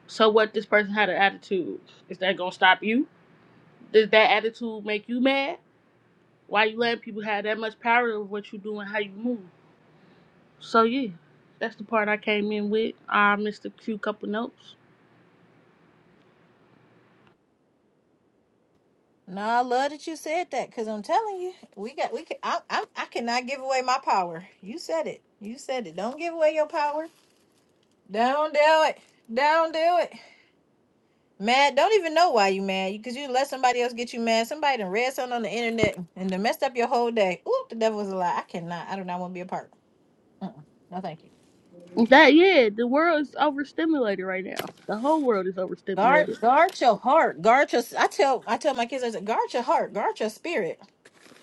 S4: So what? This person had an attitude. Is that gonna stop you? Does that attitude make you mad? Why you letting people have that much power over what you do and how you move? So yeah, that's the part I came in with. I missed a few couple notes.
S1: No, I love that you said that because I'm telling you, we got we can. I, I I cannot give away my power. You said it. You said it. Don't give away your power. Don't do it. Don't do it. Mad, don't even know why you mad. You cause you let somebody else get you mad. Somebody done read something on the internet and done messed up your whole day. Oop, the devil was a lie. I cannot. I do not want to be a part. Mm-mm. No, thank you.
S4: That yeah, the world is overstimulated right now. The whole world is
S1: Guard,
S4: overstimulated.
S1: guard your heart. Guard your. I tell, I tell my kids, I said, guard your heart, guard your spirit.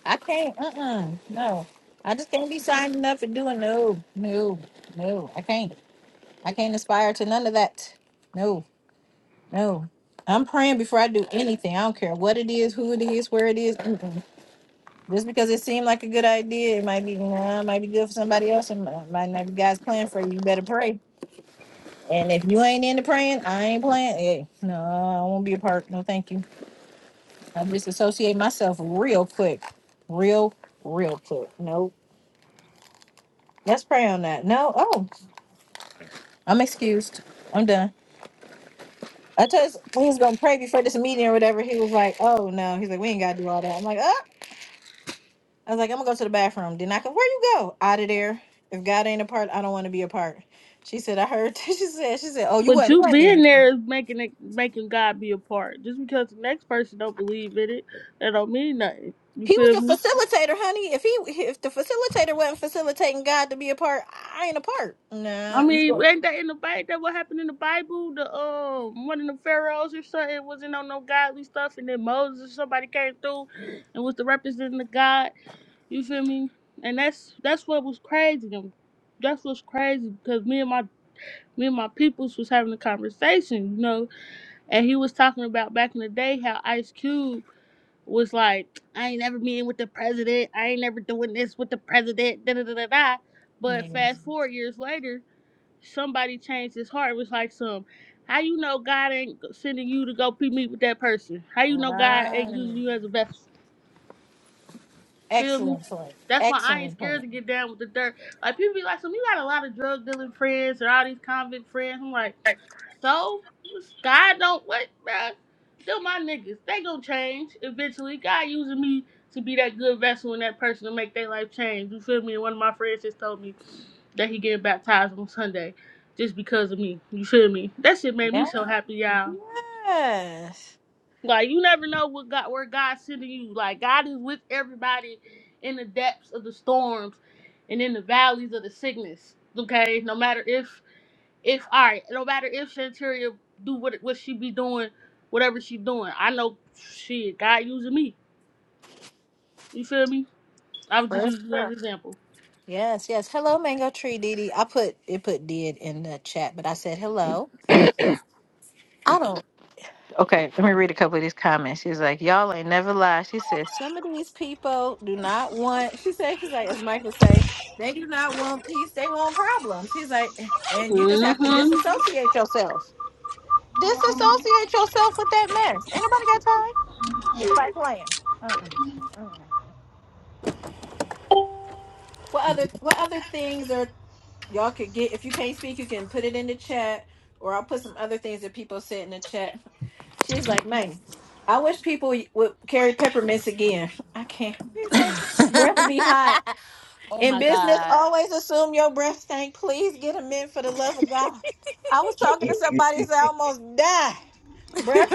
S1: I can't. Uh-uh. No, I just can't be signing up and doing no, no, no. I can't. I can't aspire to none of that. No, no. I'm praying before I do anything. I don't care what it is, who it is, where it is. Mm-mm. Just because it seemed like a good idea, it might be nah, it might be good for somebody else, and might might not be God's plan for you. You better pray. And if you ain't into praying, I ain't playing. Hey, no, I won't be a part. No, thank you. I disassociate myself real quick, real, real quick. Nope. Let's pray on that. No. Oh, I'm excused. I'm done. I told us we was gonna pray before this meeting or whatever. He was like, "Oh no," he's like, "We ain't gotta do all that." I'm like, "Oh." I was like, I'm gonna go to the bathroom. Then I can, where you go? Out of there. If God ain't a part, I don't want to be a part. She said, I heard. She said, she said, oh, you
S4: But
S1: wasn't
S4: you being
S1: playing.
S4: there is making it making God be a part. Just because the next person don't believe in it, that don't mean nothing. You
S1: He was
S4: feel
S1: a
S4: me?
S1: facilitator, honey. If he, if the facilitator wasn't facilitating God to be a part, I ain't a part.
S4: I
S1: Nah, you
S4: mean,
S1: go.
S4: ain't that in the Bible? That what happened in the Bible? The um one of the pharaohs or something wasn't on no godly stuff, and then Moses or somebody came through and was the representing of God. You feel me? And that's that's what was crazy. Them that's what's crazy because me and my me and my peoples was having a conversation, you know, and he was talking about back in the day how Ice Cube was like, I ain't never meeting with the president. I ain't never doing this with the president. Da da da da da. But
S1: Yes.
S4: fast Mhm. forward years later, somebody changed his heart. It was like some, how you know God ain't sending you to go pe- meet with that person? How you know God Mhm. ain't
S1: Right.
S4: using you as a vessel? Feel me?
S1: Excellent point.
S4: That's why I ain't
S1: Excellent
S4: scared
S1: point.
S4: to get down with the dirt. Like people be like, so we got a lot of drug dealing friends and all these convict friends. I'm like, so God don't what, bruh? They're my niggas. They gonna change eventually. God using me to be that good vessel and that person to make their life change. You feel me? And one of my friends just told me that he getting baptized on Sunday just because of me. You feel me? That shit made
S1: Yeah.
S4: me so happy, y'all.
S1: Yes.
S4: Like you never know what God where God's sending you. Like God is with everybody in the depths of the storms and in the valleys of the sickness. Okay, no matter if if all right, no matter if Santeria do what what she be doing, whatever she doing. I know shit. God using me. You feel me? I was just
S1: First.
S4: using you as an example.
S1: Yes, yes. Hello, Mango Tree Didi. I put it put did in the chat, but I said hello. I don't. Okay, let me read a couple of these comments. She's like, Y'all ain't never lie. She says, Some of these people do not want she said, she's like, as Michael say, they do not want peace, they want problems. He's like, and you just have to
S3: Mm-hmm.
S1: disassociate yourself. Disassociate yourself with that mess. Ain't nobody got time? Nobody playing. Uh-uh. Uh-uh. What other what other things are Y'all could get if you can't speak, you can put it in the chat, or I'll put some other things that people said in the chat. She's like, man, I wish people would carry peppermints again. I can't. It's like breath be hot.
S3: oh
S1: In
S3: my
S1: business,
S3: god.
S1: always assume your breath stank. Please get a mint for the love of God. I was talking to somebody, said I almost died. Breath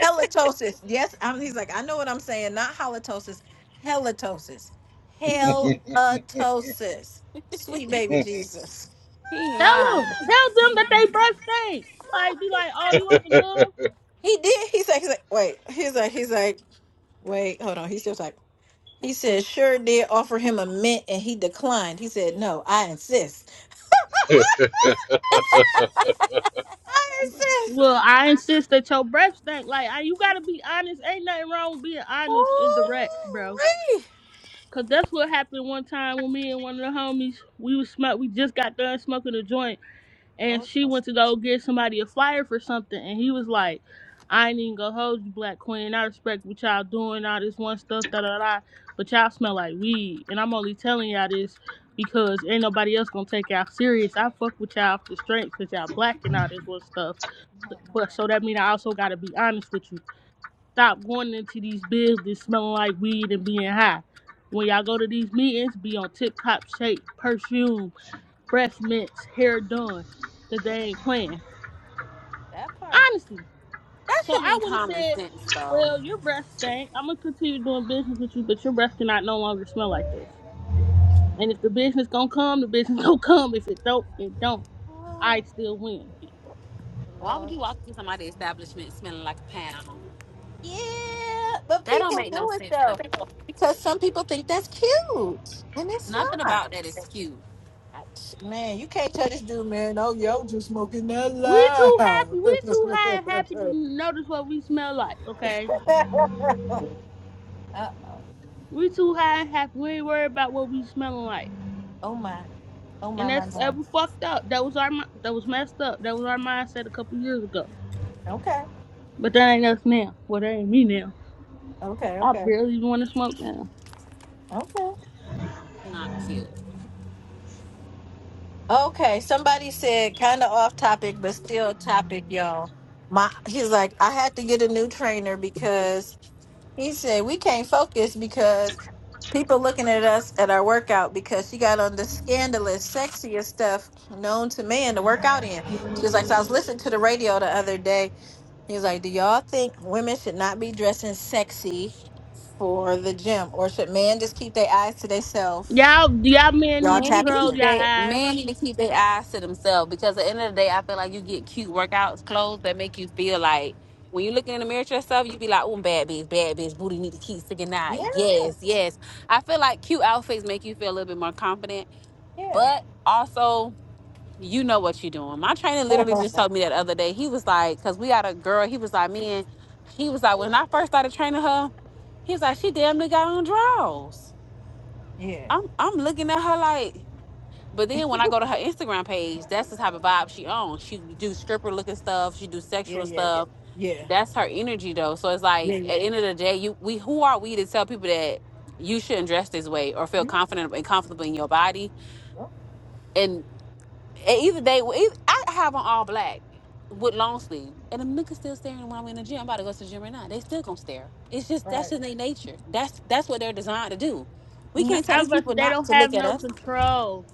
S1: halitosis. Yes, I'm, he's like, I know what I'm saying. Not halitosis, halitosis. Halitosis. Sweet baby Jesus.
S3: He
S4: Tell
S3: lying.
S4: them, tell them that they breath stink. Like be like, oh, you want some gum?
S1: He did. He's like, he's like, wait. He's like, he's like, wait, hold on. He's just like, he said, sure did offer him a mint and he declined. He said, no, I insist. I
S4: Well,
S1: insist.
S4: I insist that your breath stink. Like I, you gotta be honest. Ain't nothing wrong with being honest and direct, bro.
S1: Ooh-wee.
S4: Cause that's what happened one time when me and one of the homies we was smoke we just got done smoking a joint and
S1: Oh,
S4: she went to go get somebody a flyer for something and he was like, I ain't even gonna hold you black queen. I respect what y'all doing, all this one stuff, da da da but y'all smell like weed. And I'm only telling y'all this because ain't nobody else gonna take y'all serious. I fuck with y'all off the strength because y'all black and all this one stuff. But so that mean I also gotta be honest with you. Stop going into these buildings smelling like weed and being high. When y'all go to these meetings, be on tip top shape, perfume, breath mints, hair done. Cause they
S1: yeah,
S4: ain't playing.
S1: that part.
S4: Honestly.
S3: That
S4: So
S3: should
S4: I
S3: be
S4: would have
S3: common
S4: said,
S3: sense, though.
S4: Well, your breath stank. I'm gonna continue doing business with you, but your breath cannot no longer smell like this. And if the business gonna come, the business gonna come. If it don't, it don't. I
S1: Oh,
S4: still win.
S3: Why would
S1: Lord.
S3: you walk through somebody's establishment smelling like a pound?
S1: Yeah, but
S3: That don't
S1: people
S3: make no
S1: do it
S3: sense to
S1: though
S3: me.
S1: because some people think that's cute and it's
S3: Nothing
S1: not.
S3: about that is cute.
S1: Ouch. Man, you can't tell this dude, man. Oh, yo, just smoking that
S4: We too happy.
S1: loud.
S4: We too high and happy to notice what we smell like, okay?
S1: uh,
S4: We too high and happy. We ain't worried about what we smelling like.
S1: oh my, oh
S4: And
S1: my, my
S4: that's
S1: my.
S4: that was fucked up. That was our mi- that was messed up. That was our mindset a couple years ago.
S1: Okay,
S4: But that ain't us now. Well, that ain't me now.
S1: okay,
S4: I
S1: okay,
S4: barely even want to smoke now.
S1: okay,
S3: Not cute.
S1: okay. Somebody said kind of off topic, but still topic, y'all. My, he's like, I had to get a new trainer because He said we can't focus because people looking at us at our workout because she got on the scandalous, sexiest stuff known to man to work out in. She was like, so I was listening to the radio the other day. He was like, do y'all think women should not be dressing sexy for the gym, or should men just keep their eyes to themselves?
S4: Y'all, y'all men
S1: Y'all
S4: need to
S3: Men need
S1: tap
S3: to
S4: curl
S3: keep
S4: y'all
S1: in.
S3: their
S4: eyes.
S3: men need to keep their eyes to themselves because at the end of the day, I feel like you get cute workouts clothes that make you feel like when you looking in the mirror at yourself, you be like, "Oh, bad bitch, bad bitch, booty need to keep sticking
S1: Yeah,
S3: out." Yes, yes. I feel like cute outfits make you feel a little bit more confident,
S1: yeah,
S3: but also you know what you're doing. My trainer literally just told me that the other day. He was like, "Cause we got a girl." He was like, "Man," he was like, "When I first started training her, he was like, she damn near got on draws."
S1: yeah,
S3: I'm I'm looking at her like. But then when I go to her Instagram page, that's the type of vibe she owns. She do stripper looking stuff. She do
S1: yeah, yeah,
S3: sexual
S1: yeah,
S3: stuff.
S1: yeah,
S3: That's her energy though. So it's like
S1: yeah,
S3: at the
S1: yeah.
S3: end of the day, you we who are we to tell people that you shouldn't dress this way or feel
S1: Mhm.
S3: confident and comfortable in your body?
S1: Oh,
S3: And and either they, well, either, I have on all black with long sleeve, and them niggas still staring when I'm in the gym. I'm about to go to the gym right now. They still gonna stare. It's just that's
S1: Right.
S3: just their nature. That's that's what they're designed to do. We
S1: Mhm.
S4: Nah,
S3: can't tell
S4: I
S3: these
S4: was,
S3: people
S4: they
S3: not
S4: don't
S3: to
S4: have
S3: look at
S4: no
S3: us.
S4: control.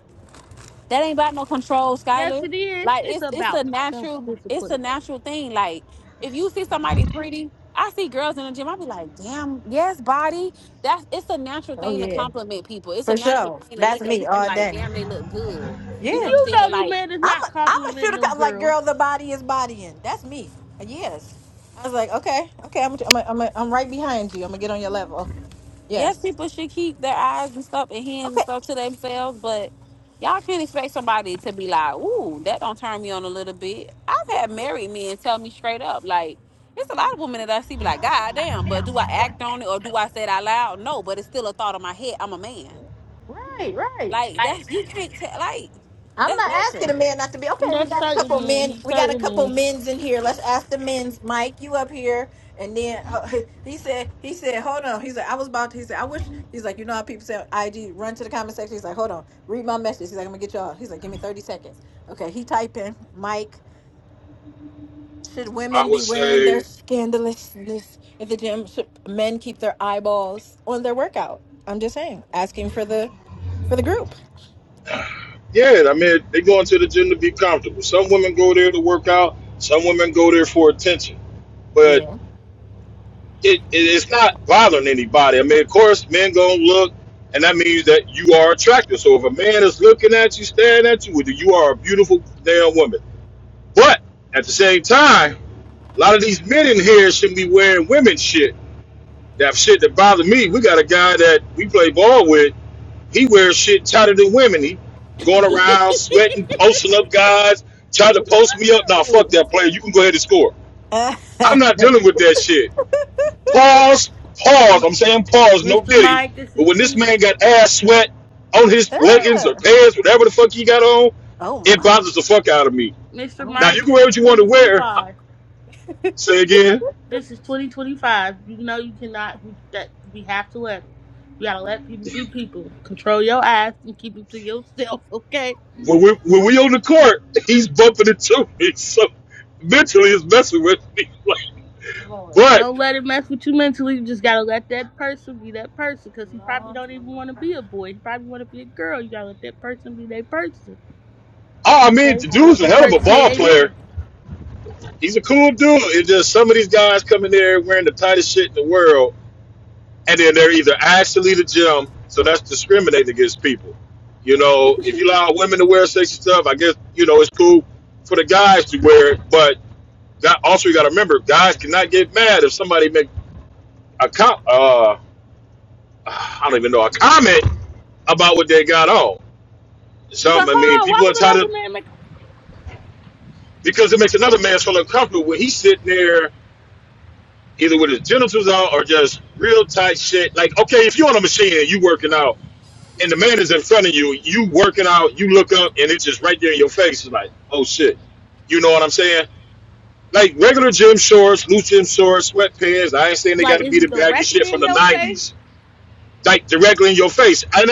S3: That ain't about no control,
S4: Yes,
S3: Skylar.
S4: it is.
S3: Like
S4: It's
S3: it's it's
S4: about
S3: a
S4: self
S3: natural it's a
S4: discipline.
S3: natural thing. Like if you see somebody pretty, I see girls in the gym. I be like, damn, yes, body. That's it's a natural
S1: Oh
S3: thing to
S1: yeah,
S3: compliment people. It's a
S1: for
S3: natural
S1: sure.
S3: thing to
S1: That's
S3: look at
S1: me
S3: people
S1: all
S3: like,
S1: day.
S3: damn, they look good. You
S4: You
S1: Yeah.
S3: know what I'm saying?
S4: know the
S3: Like
S4: man is
S1: I'm
S4: not
S1: a, I'm a
S4: complimenting
S1: shooter.
S4: no
S1: cop. Like,
S4: girl.
S1: girl, the body is bodying. That's me. Yes. I was like, okay, okay, I'm, I'm, I'm, I'm right behind you. I'm gonna get on your level.
S3: yes,
S1: Yes.
S3: people should keep their eyes and stuff and hands and
S1: Okay.
S3: stuff to themselves, but y'all can't expect somebody to be like, ooh, that don't turn me on a little bit. I've had married men tell me straight up, like, it's a lot of women that I see be like, God damn, but do I act on it or do I say it out loud? No, but it's still a thought in my head. I'm a man.
S1: Right, right.
S3: Like that's you can't tell like
S1: I'm
S3: that's
S1: not
S3: nature.
S1: asking a man not to be okay. We
S4: That's
S1: got a
S4: certain
S1: couple
S4: men.
S1: men. We got a
S4: Certain
S1: couple
S4: men.
S1: men's in here. Let's ask the men's. Mike, you up here? And then uh, he said, he said, hold on. He said, I was about to. He said, I wish. He's like, you know how people say on IG run to the comment section. He's like, hold on, read my message. He's like, I'm gonna get y'all. He's like, give me 30 seconds. Okay, he typing. Mike. Should
S2: I
S1: women
S2: would
S1: be wearing
S2: say.
S1: their scandalousness at the gym? Should men keep their eyeballs on their workout? I'm just saying, asking for the for the group.
S2: Yeah, I mean, they go into the gym to be comfortable. Some women go there to work out. Some women go there for attention. But
S1: Yeah.
S2: it, it it's not bothering anybody. I mean, of course, men gonna look, and that means that you are attractive. So if a man is looking at you, staring at you, whether you are a beautiful damn woman. But at the same time, a lot of these men in here shouldn't be wearing women's shit. That shit that bothers me. We got a guy that we play ball with. He wears shit tighter than women. He going around sweating, posting up guys, trying to post me up. Nah, fuck
S1: Ooh.
S2: that player. You can go ahead and score.
S1: Ah.
S2: I'm not dealing with that shit. Pause, pause.
S4: M-
S2: I'm saying pause, no
S4: Mr.
S2: diddy.
S4: Mike, this
S2: But when this
S4: is
S2: man got ass sweat on his leggings or pants, whatever the fuck he got on,
S1: oh
S2: it
S1: my!
S2: bothers the fuck out of me.
S4: Mr.
S1: Oh
S2: Now
S1: my!
S4: Mike,
S2: you can
S4: this
S2: wear
S4: is
S2: what you want to wear.
S4: 2025.
S2: Say again.
S4: This is 2025. You know you cannot. We, that we have to let them. You gotta let people be people. Control your ass and keep it to yourself. Okay.
S2: When we
S4: This
S2: when
S4: is,
S2: we on the court, he's bumping into me. So mentally, it's messing with me.
S1: Lord
S2: But.
S1: Jesus.
S4: don't let it mess with you mentally. You just gotta let that person be that person. Cause he probably don't even want to be a boy. He probably want to be a girl. You gotta let that person be that person.
S2: Oh, I mean,
S4: Okay. You
S2: the
S4: gotta
S2: dude's
S4: let
S2: a
S4: the
S2: hell of a
S4: church
S2: ball
S4: say
S2: player.
S4: amen.
S2: He's a cool dude. It's just some of these guys come in there wearing the tightest shit in the world, and then they're either actually the gym, so that's discriminating against people. You know, if you allow women to wear sexy stuff, I guess you know it's cool for the guys to wear it. But also, you got to remember, guys cannot get mad if somebody make a com- uh, I don't even know a comment about what they got on. Some,
S4: But
S2: I mean,
S4: hold on. Why
S2: people are
S4: would
S2: entitled
S4: another man make
S2: because it makes another man feel uncomfortable when he's sitting there either with his genitals out or just real tight shit. Like, okay, if you're on a machine and you working out and the man is in front of you, you working out, you look up and it's just right there in your face. It's like, oh shit. You know what I'm saying? Like regular gym shorts, loose gym shorts, sweatpants. I ain't saying they
S4: like?
S2: gotta
S4: Is
S2: be
S4: it
S2: the baggy shit
S4: directly
S2: from
S4: in
S2: the
S4: your face?
S2: nineties. Like directly in your face. And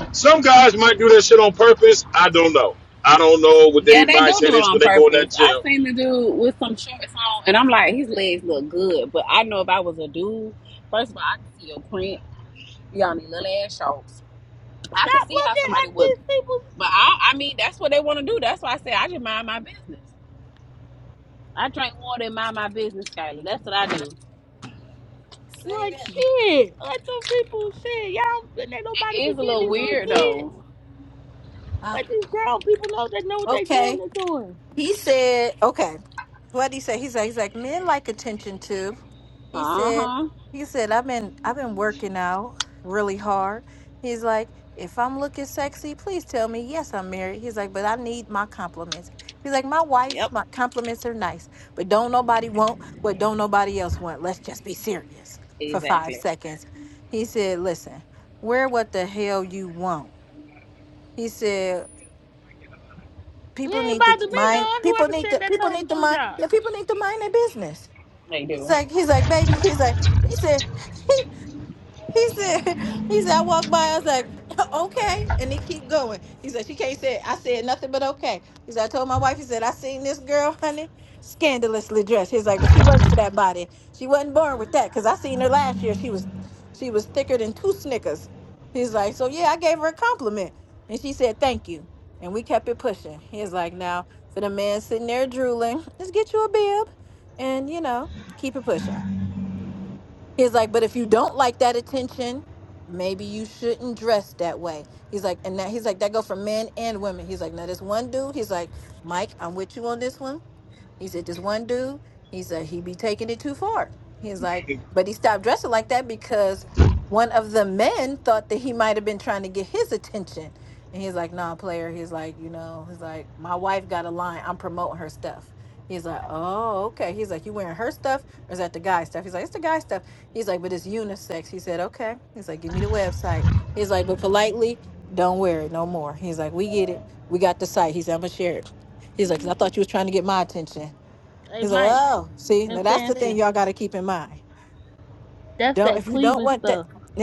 S2: I, some guys might do that shit on purpose. I don't know. I don't know what
S3: Yeah,
S2: their
S3: they do
S2: mindset
S3: do it
S2: is
S3: on
S2: when they go in
S3: purpose.
S2: that
S3: I
S2: gym.
S3: seen the dude with some shorts on, and I'm like, his legs look good. But I know if I was a dude, first of all, I can see your print. Y'all need little ass shows. I could
S4: Stop
S3: see how
S4: looking at
S3: somebody would,
S4: these people
S3: but I, I mean, that's what they want to do. That's why I say I just mind my business. I drink water and mind my business, Skylar. That's what I do.
S1: Say
S4: Like
S1: that.
S4: shit. Let them people shit. Y'all and ain't nobody be
S3: It's a
S4: getting
S3: little
S4: these little
S3: weird
S4: kids.
S3: though.
S1: Uh,
S4: Let these grown people know they know what they doing,
S1: okay.
S4: they doing.
S1: He said. Okay. What did he say? He's like. He's like. Men like attention too. He
S3: Uh
S1: said,
S3: huh.
S1: he said, I've been I've been working out really hard. He's like, if I'm looking sexy, please tell me. Yes, I'm married. He's like, but I need my compliments. He's like, my wife's my compliments are nice, but don't nobody want what don't nobody else want. Let's just be serious for five
S3: Exactly.
S1: seconds. He said, listen, wear what the hell you want. He said, people
S4: It ain't
S1: need to
S4: bother me
S1: mind
S4: none.
S1: people
S4: Whoever
S1: need
S4: said
S1: to
S4: that
S1: people
S4: told
S1: need
S4: them
S1: to
S4: good
S1: mind
S4: job.
S1: people need to mind their business.
S3: They
S1: He's
S3: do.
S1: like, he's like, baby, he's like, he said. He said, he said, I walked by, I was like, okay. And they keep going. He said, she can't say it. I said nothing but okay. He said, I told my wife, he said, I seen this girl, honey, scandalously dressed. He's like, but she worked for that body. She wasn't born with that. Cause I seen her last year. She was she was thicker than two Snickers. He's like, so yeah, I gave her a compliment. And she said, thank you. And we kept it pushing. He's like, now for the man sitting there drooling, just get you a bib and you know, keep it pushing. He's like, but if you don't like that attention, maybe you shouldn't dress that way. He's like, and that he's like, that go for men and women. He's like, now this one dude, he's like, Mike, I'm with you on this one he said, this one dude, he said, he be taking it too far. He's like, but he stopped dressing like that because one of the men thought that he might have been trying to get his attention. And he's like, nah, player. He's like, you know, he's like, my wife got a line. I'm promoting her stuff. He's like, oh, okay. He's like, you wearing her stuff or is that the guy stuff? He's like, it's the guy stuff. He's like, but it's unisex. He said, okay. He's like, give me the website. He's like, but politely, don't wear it no more. He's like, we get it. We got the site. He's like, I'm going to share it. He's like, 'Cause I thought you was trying to get my attention.
S4: Hey
S1: He's like,
S4: Mike
S1: oh, see,
S4: and
S1: now that's the thing
S4: Fancy.
S1: y'all got to keep in mind.
S4: That's
S1: Don't
S4: that
S1: if you don't
S4: Cleveland
S1: want that.
S4: stuff.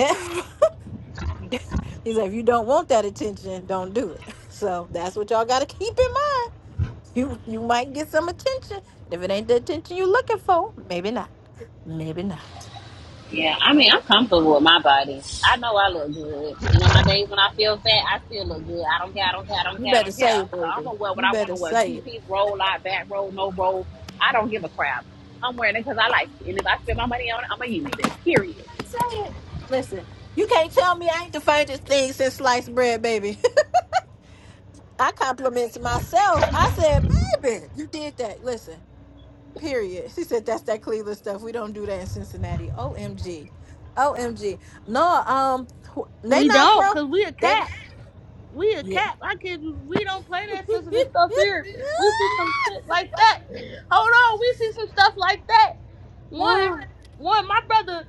S1: He's like, if you don't want that attention, don't do it. So that's what y'all got to keep in mind. You you might get some attention, and if it ain't the attention you're looking for, maybe not. Maybe not.
S3: Yeah. I mean, I'm comfortable with my body. I know I look good. You know, my days when I feel fat, I still look good. I don't care. I don't care. I don't
S1: You
S3: care. I
S1: better
S3: don't care.
S1: say it,
S3: So I'm
S1: baby.
S3: gonna wear what
S1: You
S3: I want
S1: better
S3: to wear:
S1: say
S3: two
S1: it.
S3: piece, roll out, back roll, no roll. I don't give a crap. I'm wearing it because I like it, and if I spend my money on it, I'm gonna use it. Period.
S1: Say it. Listen, you can't tell me I ain't the favorite thing since sliced bread, baby. I compliments myself. I said, baby, you did that. Listen. Period. She said that's that Cleveland stuff. We don't do that in Cincinnati. OMG. OMG. No, um wh- they
S4: We
S1: not
S4: don't,
S1: from
S4: cause we a
S1: they
S4: cat. We a
S1: yeah.
S4: cap. I kid you. We don't play that sensitive stuff here. We see some shit like that. Hold on. We see some stuff like that. One, one. My brother.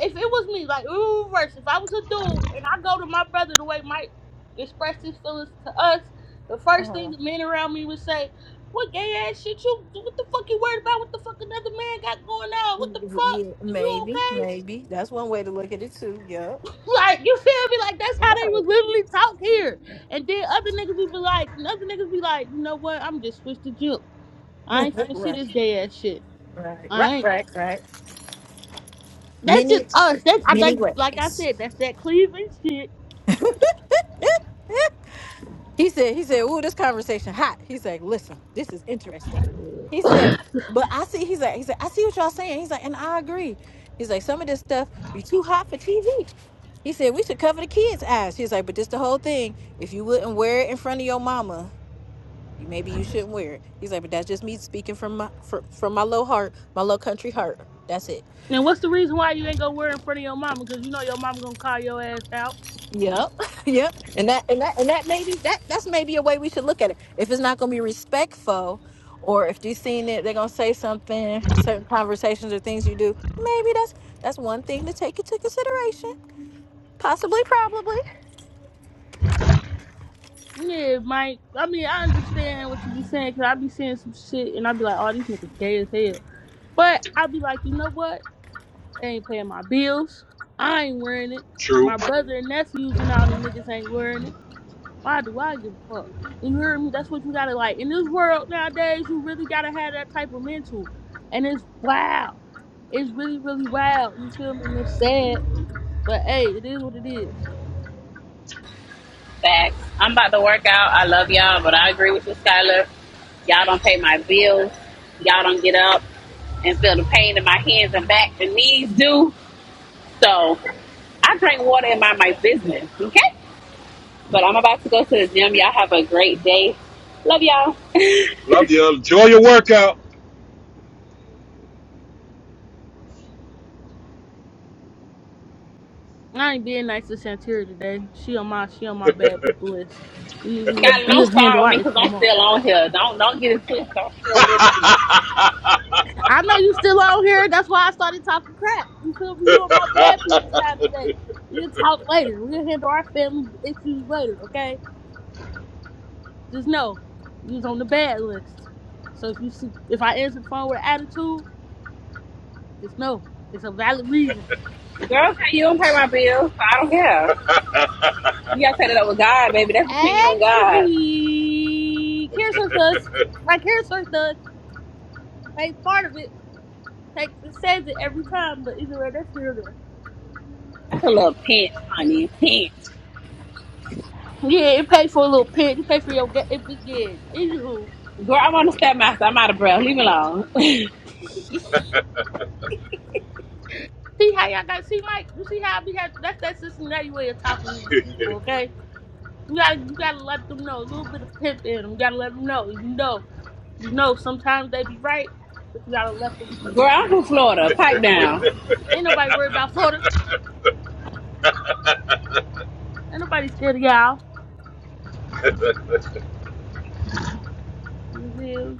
S4: If it was me, like ooh, reverse. If I was a dude and I go to my brother the way Mike expressed his feelings to us, the
S1: Ah,
S4: first thing
S1: uh,
S4: the men around me would say, "What gay ass shit you? What the fuck you worried about? What the fuck another man got going on? What the fuck?
S1: yeah,
S4: Is you
S1: maybe,
S4: okay?"
S1: maybe. That's one way to look at it too. Yep.
S4: Like, you feel me? Like, that's how they
S1: Right.
S4: was literally talk here. And then other niggas would be like, other niggas be like, you know what? I'm just switch the jump. I ain't finna see
S1: right.
S4: this gay ass shit.
S1: Right. Right.
S4: I ain't.
S1: Right. Right.
S4: That's just
S1: Many
S4: us. That's, I, like,
S1: many
S4: like I
S1: ways.
S4: said, that's that Cleveland shit.
S1: He said, he said, ooh, this conversation hot. He's like, listen, this is interesting. He said, but I see, he's like, he said, I see what y'all saying. He's like, and I agree. He's like, some of this stuff be too hot for TV. He said, we should cover the kids' eyes. He's like, but this the whole thing. If you wouldn't wear it in front of your mama, you maybe you shouldn't wear it. He's like, but that's just me speaking from my from, from my low heart, my low country heart. That's it.
S4: And what's the reason why you ain't gonna wear in front of your mama? Because you know your mama gonna call your ass out.
S1: Yep. Yep. And that and that and that maybe that that's maybe a way we should look at it. If it's not gonna be respectful or if you seen it, they're gonna say something, certain conversations or things you do, maybe that's that's one thing to take into consideration. Possibly, probably.
S4: Yeah, Mike. I mean, I understand what you be saying because I be seeing some shit and I be like, oh, these niggas gay as hell. But I be like, you know what? They ain't paying my bills. I ain't wearing it.
S2: True.
S4: My brother and nephews and all them niggas ain't wearing it. Why do I give a fuck? You hear me? That's what you gotta like. In this world nowadays, you really gotta have that type of mental. And it's wild. It's really, really wild. You feel me? And it's sad. But hey, it is what it is.
S3: Facts. I'm about to work out. I love y'all, but I agree with you, Skylar. Y'all don't pay my bills. Y'all don't get up and feel the pain in my hands and back and knees do. So I drink water and mind my business, okay? But I'm about to go to the gym. Y'all have a great day. Love y'all.
S2: Love you. Enjoy your workout.
S4: I ain't being nice to Santira today. She on my she on my bad people list. We we
S3: Skylar, don't
S4: we'll
S3: start
S4: handle
S3: with me
S4: our issue
S3: because I'm
S4: tomorrow.
S3: still on here. Don't don't get it twisted. I'm still listening.
S4: I know you still on here. That's why I started talking crap. You feel me? You
S2: oh,
S4: on my bad people side today. We'll talk later. We'll handle our family issues later, okay? Just know, you was on the bad list. So if you see, if I answer the phone with attitude, just know it's a valid reason.
S3: Girl, okay, you don't pay my bills, so I don't care. You gotta set it up with God, baby. That's between you and God.
S4: Actually, Karen Search does. My Karen Search does. Pays part of it. Takes it says it every time, but either way, that's here or there.
S3: That's a little pinch, honey. Pinch.
S4: Yeah, it paid for a little pinch. It paid for your ga- if it did. Anywho.
S3: Girl, I'm on the step master. I'm out of breath. Leave me alone.
S4: See how y'all got see Mike, you see how we have that's that's Cincinnati way of talking to people, okay? You gotta you gotta let them know a little bit of pimp in them. You gotta let them know. You know, you know sometimes they be right, but you gotta let them
S3: Girl, I'm from Florida. Pipe down.
S4: ain't nobody worried about Florida. Ain't nobody scared of y'all. You feel?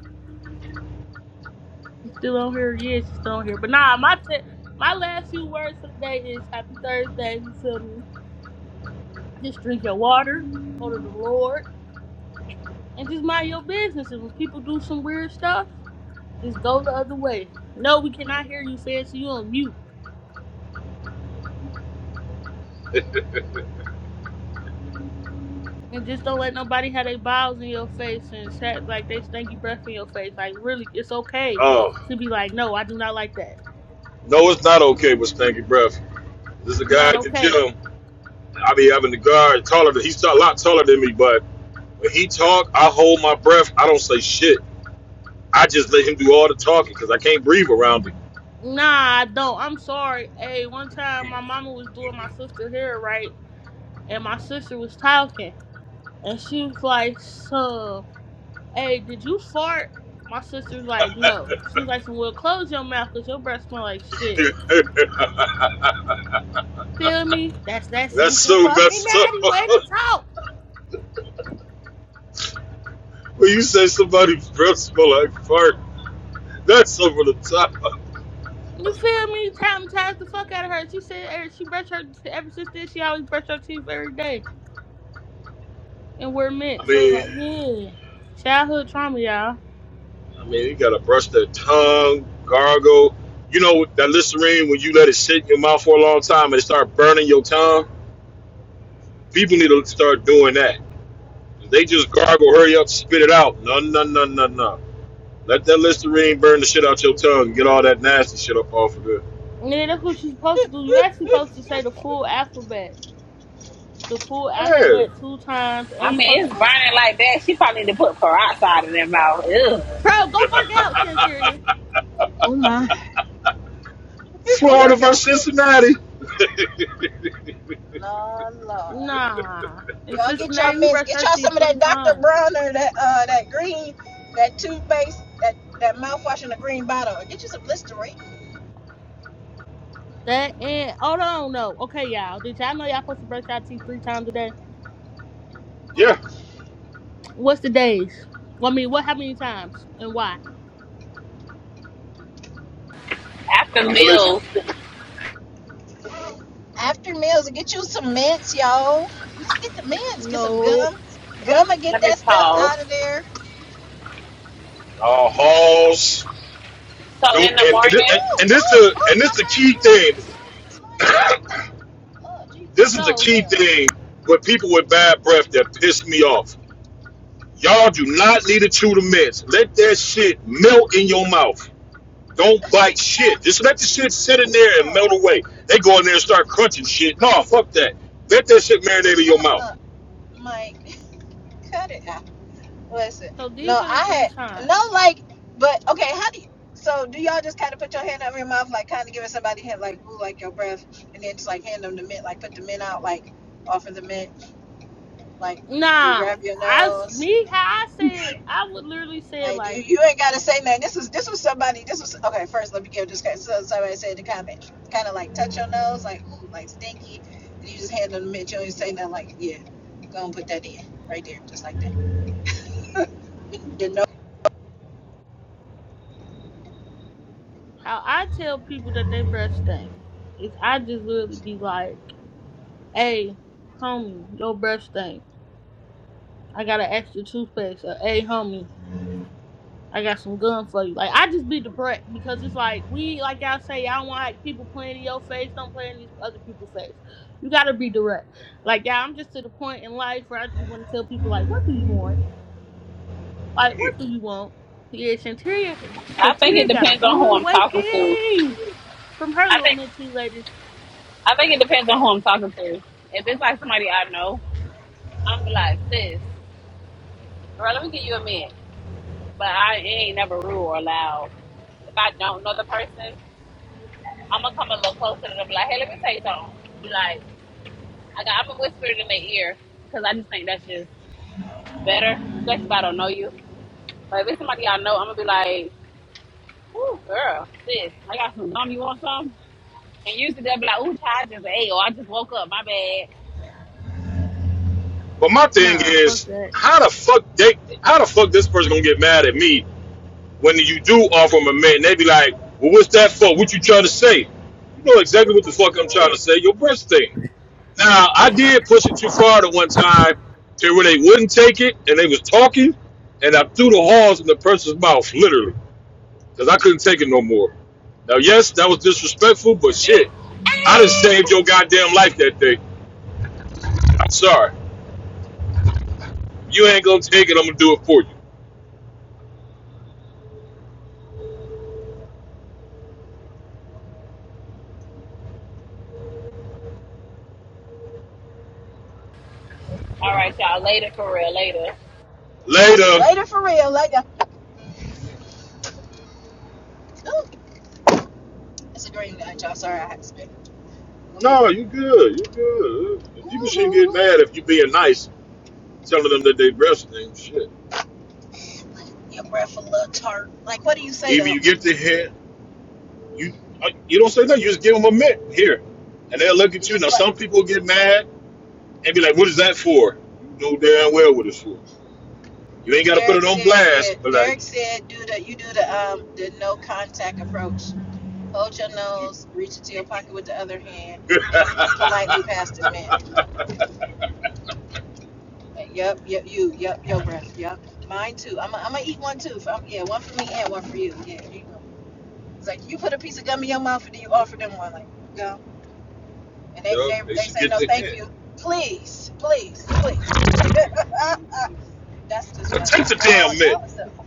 S4: She's still on here, yeah, she's still on here. But nah, my te- my last few words for the day is happy Thursday, you feel me? Just drink your water, go to the Lord, and just mind your business. And when people do some weird stuff, Just go the other way. No, we cannot hear you, Fancy you on mute. And just don't let nobody have their bowels in your face and chat like they stinky breath in your face. Like, really, it's okay to be like, no, I do not like that.
S2: no, it's not okay with stanky breath. There's a guy
S4: Not
S2: at the
S4: okay.
S2: gym. I be having the guard taller than he's a lot taller than me, but when he talk, I hold my breath. I don't say shit. I just let him do all the talking because I can't breathe around him.
S4: Nah, I don't. I'm sorry. Hey, one time my mama was doing my sister hair right, and my sister was talking, and she was like, so, hey, did you fart? My sister's like, no. She was like, well, close your mouth because your breath smell like shit. Feel me? That's that
S2: That's
S4: sense of
S2: so
S4: fucking
S2: messed up.
S4: daddy way to talk.
S2: when you say somebody's breath smell like fart, that's over the top.
S4: You feel me? Traumatized the fuck out of her. She said er, she brushed her ever since then. She always brushed her teeth every day and wear
S2: I
S4: mint. So it's
S2: mean,
S4: like, yeah, childhood trauma, y'all.
S2: I mean, you gotta brush their tongue, gargle. You know that Listerine when you let it sit in your mouth for a long time and it start burning your tongue. People need to start doing that. If they just gargle, hurry up, spit it out. No, no, no, no, no. Let that Listerine burn the shit out your tongue. and Get all that nasty shit up off of it.
S4: Yeah, that's what you're supposed to do. You actually supposed to say the full alphabet, the full
S2: Yeah,
S4: alphabet two times, and
S3: I
S4: you
S3: mean,
S4: supposed
S3: it's burning like that. She probably need to put peroxide in their mouth. Ugh.
S4: bro go work out, Santeria.
S1: Oh my.
S4: Go
S2: Florida
S4: work
S2: versus
S4: out.
S2: Cincinnati.
S1: Lord, Lord.
S4: Nah, in
S1: Y'all get y'all
S4: Cincinnati we
S1: mints.
S4: brush
S1: Get
S4: her
S1: y'all some
S4: teeth
S1: of
S4: three
S1: that Dr.
S4: times.
S1: Bronner, that uh that green, that toothpaste, that that mouthwash in the green bottle. Or Get you some Listerine.
S4: That and hold on though. Okay, y'all. Did y'all know y'all supposed to brush y'all teeth three times a day?
S2: Yeah,
S4: What's the days? Well, I mean, what how many times and why?
S3: After
S2: I'm gonna let you.
S3: meals,
S1: after meals get you some mints, yo. Just get the mints, get some
S4: No.
S1: gum. Gum and get
S3: let me
S1: that stuff
S3: pause.
S1: out of there.
S2: Uh, Halls.
S3: So in
S2: Don't
S3: the
S2: and and,
S3: morning,
S1: Ooh,
S2: and, and this
S1: ooh,
S2: the and
S1: ooh, my
S2: this the
S1: car's
S2: key
S1: sliding.
S2: thing.
S1: It's sliding, it's sliding. Oh, jeez, I'm
S2: This
S1: gonna
S2: is
S1: at
S2: the
S1: the
S4: So
S2: key
S1: main
S2: thing
S1: room.
S2: with people with bad breath that piss me off Y'all do not need to chew the mess. Let that shit melt in your mouth. Don't bite shit. Just let the shit sit in there and
S1: Oh,
S2: melt
S1: my
S2: away. They go in there and
S1: goodness.
S2: start crunching shit. No, fuck that. Let that shit marinate in your mouth.
S1: Uh-uh, Mike, cut it out. Listen,
S4: so
S1: no,
S4: these are the three
S1: I had,
S4: times.
S1: no, like, but, okay, how do you, so do y'all just kind of put your hand over your mouth, like kind of giving somebody a hint, like, ooh, like your breath, and then just like hand them the mint, like put the mint out, like offer the mint. Like you
S4: Nah,
S1: grab your
S4: I
S1: nose.
S4: me how I said I would literally say it
S1: Like you,
S4: like
S1: you ain't gotta say nothing. This was this was somebody. This was okay. First, let me give just so somebody said in the comments. Kind of like touch your nose, like ooh, like stinky. And you just hand them the mint. You don't even say nothing. Like yeah, go and put that in right there, just like that. You nose.
S4: how I tell people that they breath stink is I just literally be like, "Hey, homie, your breath stink. I got an extra toothpaste." Or, "Hey, homie, I got some gun for you. Like I just be depressed because it's like we like y'all say, y'all want like people playing in your face, don't play in these other people's face. You gotta be direct. Like yeah, I'm just to the point in life where I just wanna tell people like, what do you want? Like what do you want? Yeah, Chanteria
S3: I think it
S4: Chanteria got a
S3: depends on
S4: rude
S3: who I'm talking to.
S4: awakening from her
S3: I
S4: little
S3: think
S4: mentee lady.
S3: I think it depends on who I'm talking to. If it's like somebody I know, I'm be like, sis, girl, let me give you a minute. But I ain't never rude or loud. If I don't know the person, I'm gonna come a little closer to them. Like, hey, let me tell you something. Be like, I got, I'm a whisper it in their ear because I just think that's just better, especially if I don't know you. But if it's somebody I know, I'm gonna be like, "Ooh, girl, sis, I got some gum. You want some?" And usually they'll be like, "Ooh, child, just hey, or I just woke up. My bad."
S2: But my thing
S3: So,
S4: Nah, fuck
S2: is,
S4: that.
S2: how the fuck they? How the fuck this person gonna get mad at me when you do offer them a man? They be like, well, what's that for? What you trying to say? You know exactly what the fuck I'm trying to say. Your breast thing. Now I did push it too far the one time to where they wouldn't take it and they was talking and I threw the horns in the person's mouth, literally. Because I couldn't take it no more. Now yes, that was disrespectful, but shit. I done saved your goddamn life that day. I'm sorry. You ain't gonna take it, I'm gonna do it for you.
S3: all right, y'all. Later, for real. Later.
S2: Later.
S1: Later for real. Later. Ooh, it's a green light, y'all. Sorry, I had to spit. Ooh,
S2: No, you good. You good. People shouldn't get
S1: ooh.
S2: mad if you being nice, telling them that they breastfeeding. Shit.
S1: Your breath a little tart. Like what do you say
S2: Either
S1: though?
S2: you get the hint You uh, you don't say nothing. You just give them a mitt here, and they'll look
S1: You
S2: at you. Now
S1: just like
S2: some people get mad and be like, "What is that for?" You know damn well what it's for. You ain't got to put
S1: Derek
S2: it on
S1: said. Yeah,
S2: blast, but like,
S1: Derek said do the you do the um the no contact approach Hold your
S2: you,
S1: nose, reach into your
S2: yep,
S1: pocket with the other hand, and politely pass the mint. Uh, Yep, yep, you, yep, your breath, yep. Mine too. I'm gonna I'm eat one too. If yeah, one for me and one for you. Yeah, here you go. It's like you put a piece of gum in your mouth and then you offer them one. Like, go. And they, they,
S2: they
S1: they
S2: should
S1: say
S2: get
S1: no,
S2: the
S1: thank
S2: hint.
S1: you. Please, please, please. That's just
S2: But
S1: funny.
S2: take the
S1: Y'all,
S2: damn mitt.
S1: y'all was up.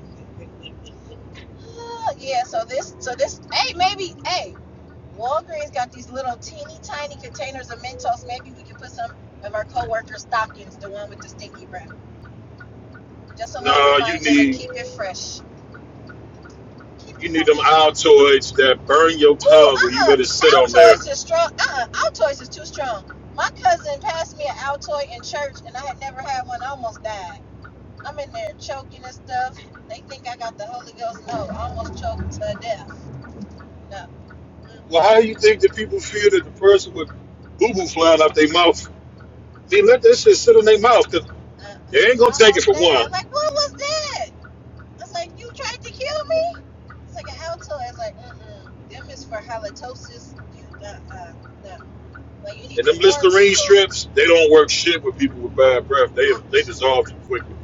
S1: Uh, yeah, so this, so this, hey, maybe, hey, Walgreens got these little teeny tiny containers of Mentos. Maybe we could put some of our coworkers' stockings, the one with the sticky wrap. Just a little
S2: No, you
S1: reminder to
S2: need
S1: keep it fresh. Keep it
S2: you need them
S1: fresh.
S2: Altoids that burn your
S1: Ooh,
S2: tongue when you
S1: uh-uh.
S2: let it sit on there.
S1: Altoids is strong. Uh-uh. Altoids is too strong. My cousin passed me an Altoid in church, and I had never had one. I almost died. I'm in there choking and stuff. They think I got the Holy Ghost. No, I almost choked to death. No. Mm,
S2: Well, how do you think that people feel that the person with boo boo flying out their mouth? They let that shit sit in their mouth because
S1: Uh-uh.
S2: they ain't gonna
S1: I
S2: take it
S1: almost
S2: for
S1: died.
S2: one.
S1: I'm like, what was that? I was like, you tried to kill me? He's like, an alto. I was like, mm-mm. Them is for halitosis. You, uh, uh, no. Like, you need
S2: And
S1: to
S2: them
S1: warn
S2: Listerine
S1: people.
S2: strips, they don't work shit with people with bad breath. They
S1: I,
S2: they dissolve you quickly.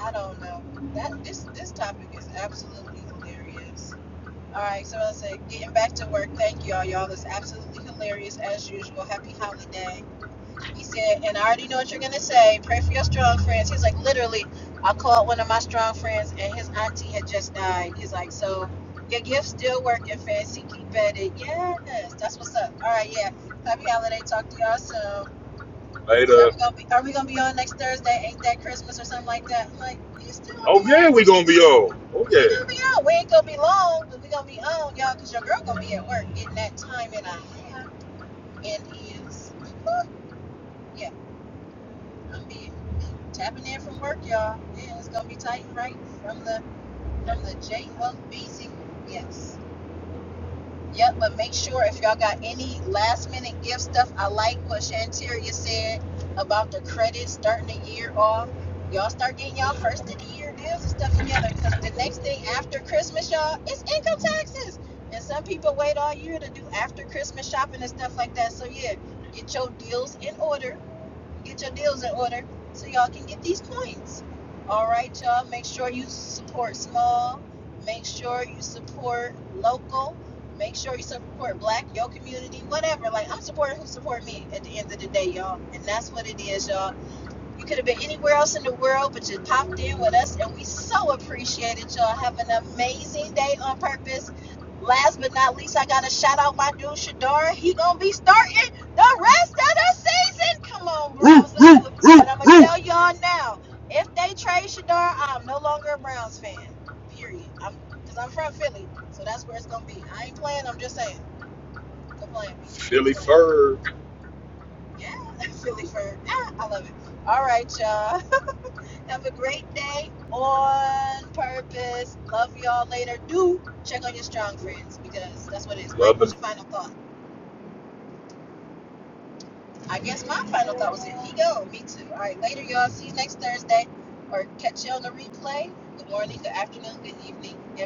S1: I don't know. That This this topic is absolutely hilarious. All right, so I said, getting back to work. Thank y'all. Y'all is absolutely hilarious as usual. Happy holiday. He said, and I already know what you're gonna say. Pray for your strong friends. He's like, literally, I called one of my strong friends, and his auntie had just died. He's like, so your gift's still working, fancy. Keep at it. Yes, that's what's up. All right, yeah. Happy holiday. Talk to y'all soon.
S2: Like,
S1: So are
S2: uh,
S1: we gonna be? Are we gonna be on next Thursday? Ain't that Christmas or something like that? I'm like, you still gonna
S2: oh
S1: be out?
S2: yeah, we
S1: We,
S2: gonna be old. Oh
S1: we
S2: yeah.
S1: gonna be out. We ain't gonna be long, but we gonna be on, y'all, cause your girl gonna be at work getting that time and a half, and is. yeah. I'm be tapping in from work, y'all. Yeah, it's gonna be tight and right from the from the J Hub BZ. Yes. Yep, but make sure if y'all got any last minute gift stuff, I like what Shanteria said about the credits starting the year off. Y'all start getting y'all first of the year deals and stuff together because the next thing after Christmas, y'all, it's income taxes. And some people wait all year to do after Christmas shopping and stuff like that. So, yeah, get your deals in order get your deals in order so y'all can get these coins. All right, y'all. Make sure you support small. Make sure you support local. Make sure you support black, your community, whatever. Like I'm supporting who support me at the end of the day, y'all. And that's what it is, y'all. You could have been anywhere else in the world, but you popped in with us, and we so appreciate it, y'all. Have an amazing day on purpose. Last but not least, I gotta shout out my dude Shadara. He gonna be starting the rest of the season. Come on,
S2: Roo,
S1: Browns, let's do
S2: roo,
S1: it. But
S2: roo,
S1: I'm gonna
S2: roo.
S1: tell y'all now, if they trade Shadara, I'm no longer a Browns fan. Period. I'm because I'm from Philly, so that's where it's gonna be. I ain't playing. I'm just saying. Go play with me.
S2: Philly
S1: Go play with me.
S2: fur.
S1: Yeah, Philly first. Yeah, I love it. All right, y'all. Have a great day on purpose. Love y'all later. Do check on your strong friends because that's what it is. Mike,
S2: loving.
S1: what's your final thought? I guess my final thought was here he go. Me too. All right, later, y'all. See you next Thursday or catch you on the replay. Good morning, good afternoon, good evening.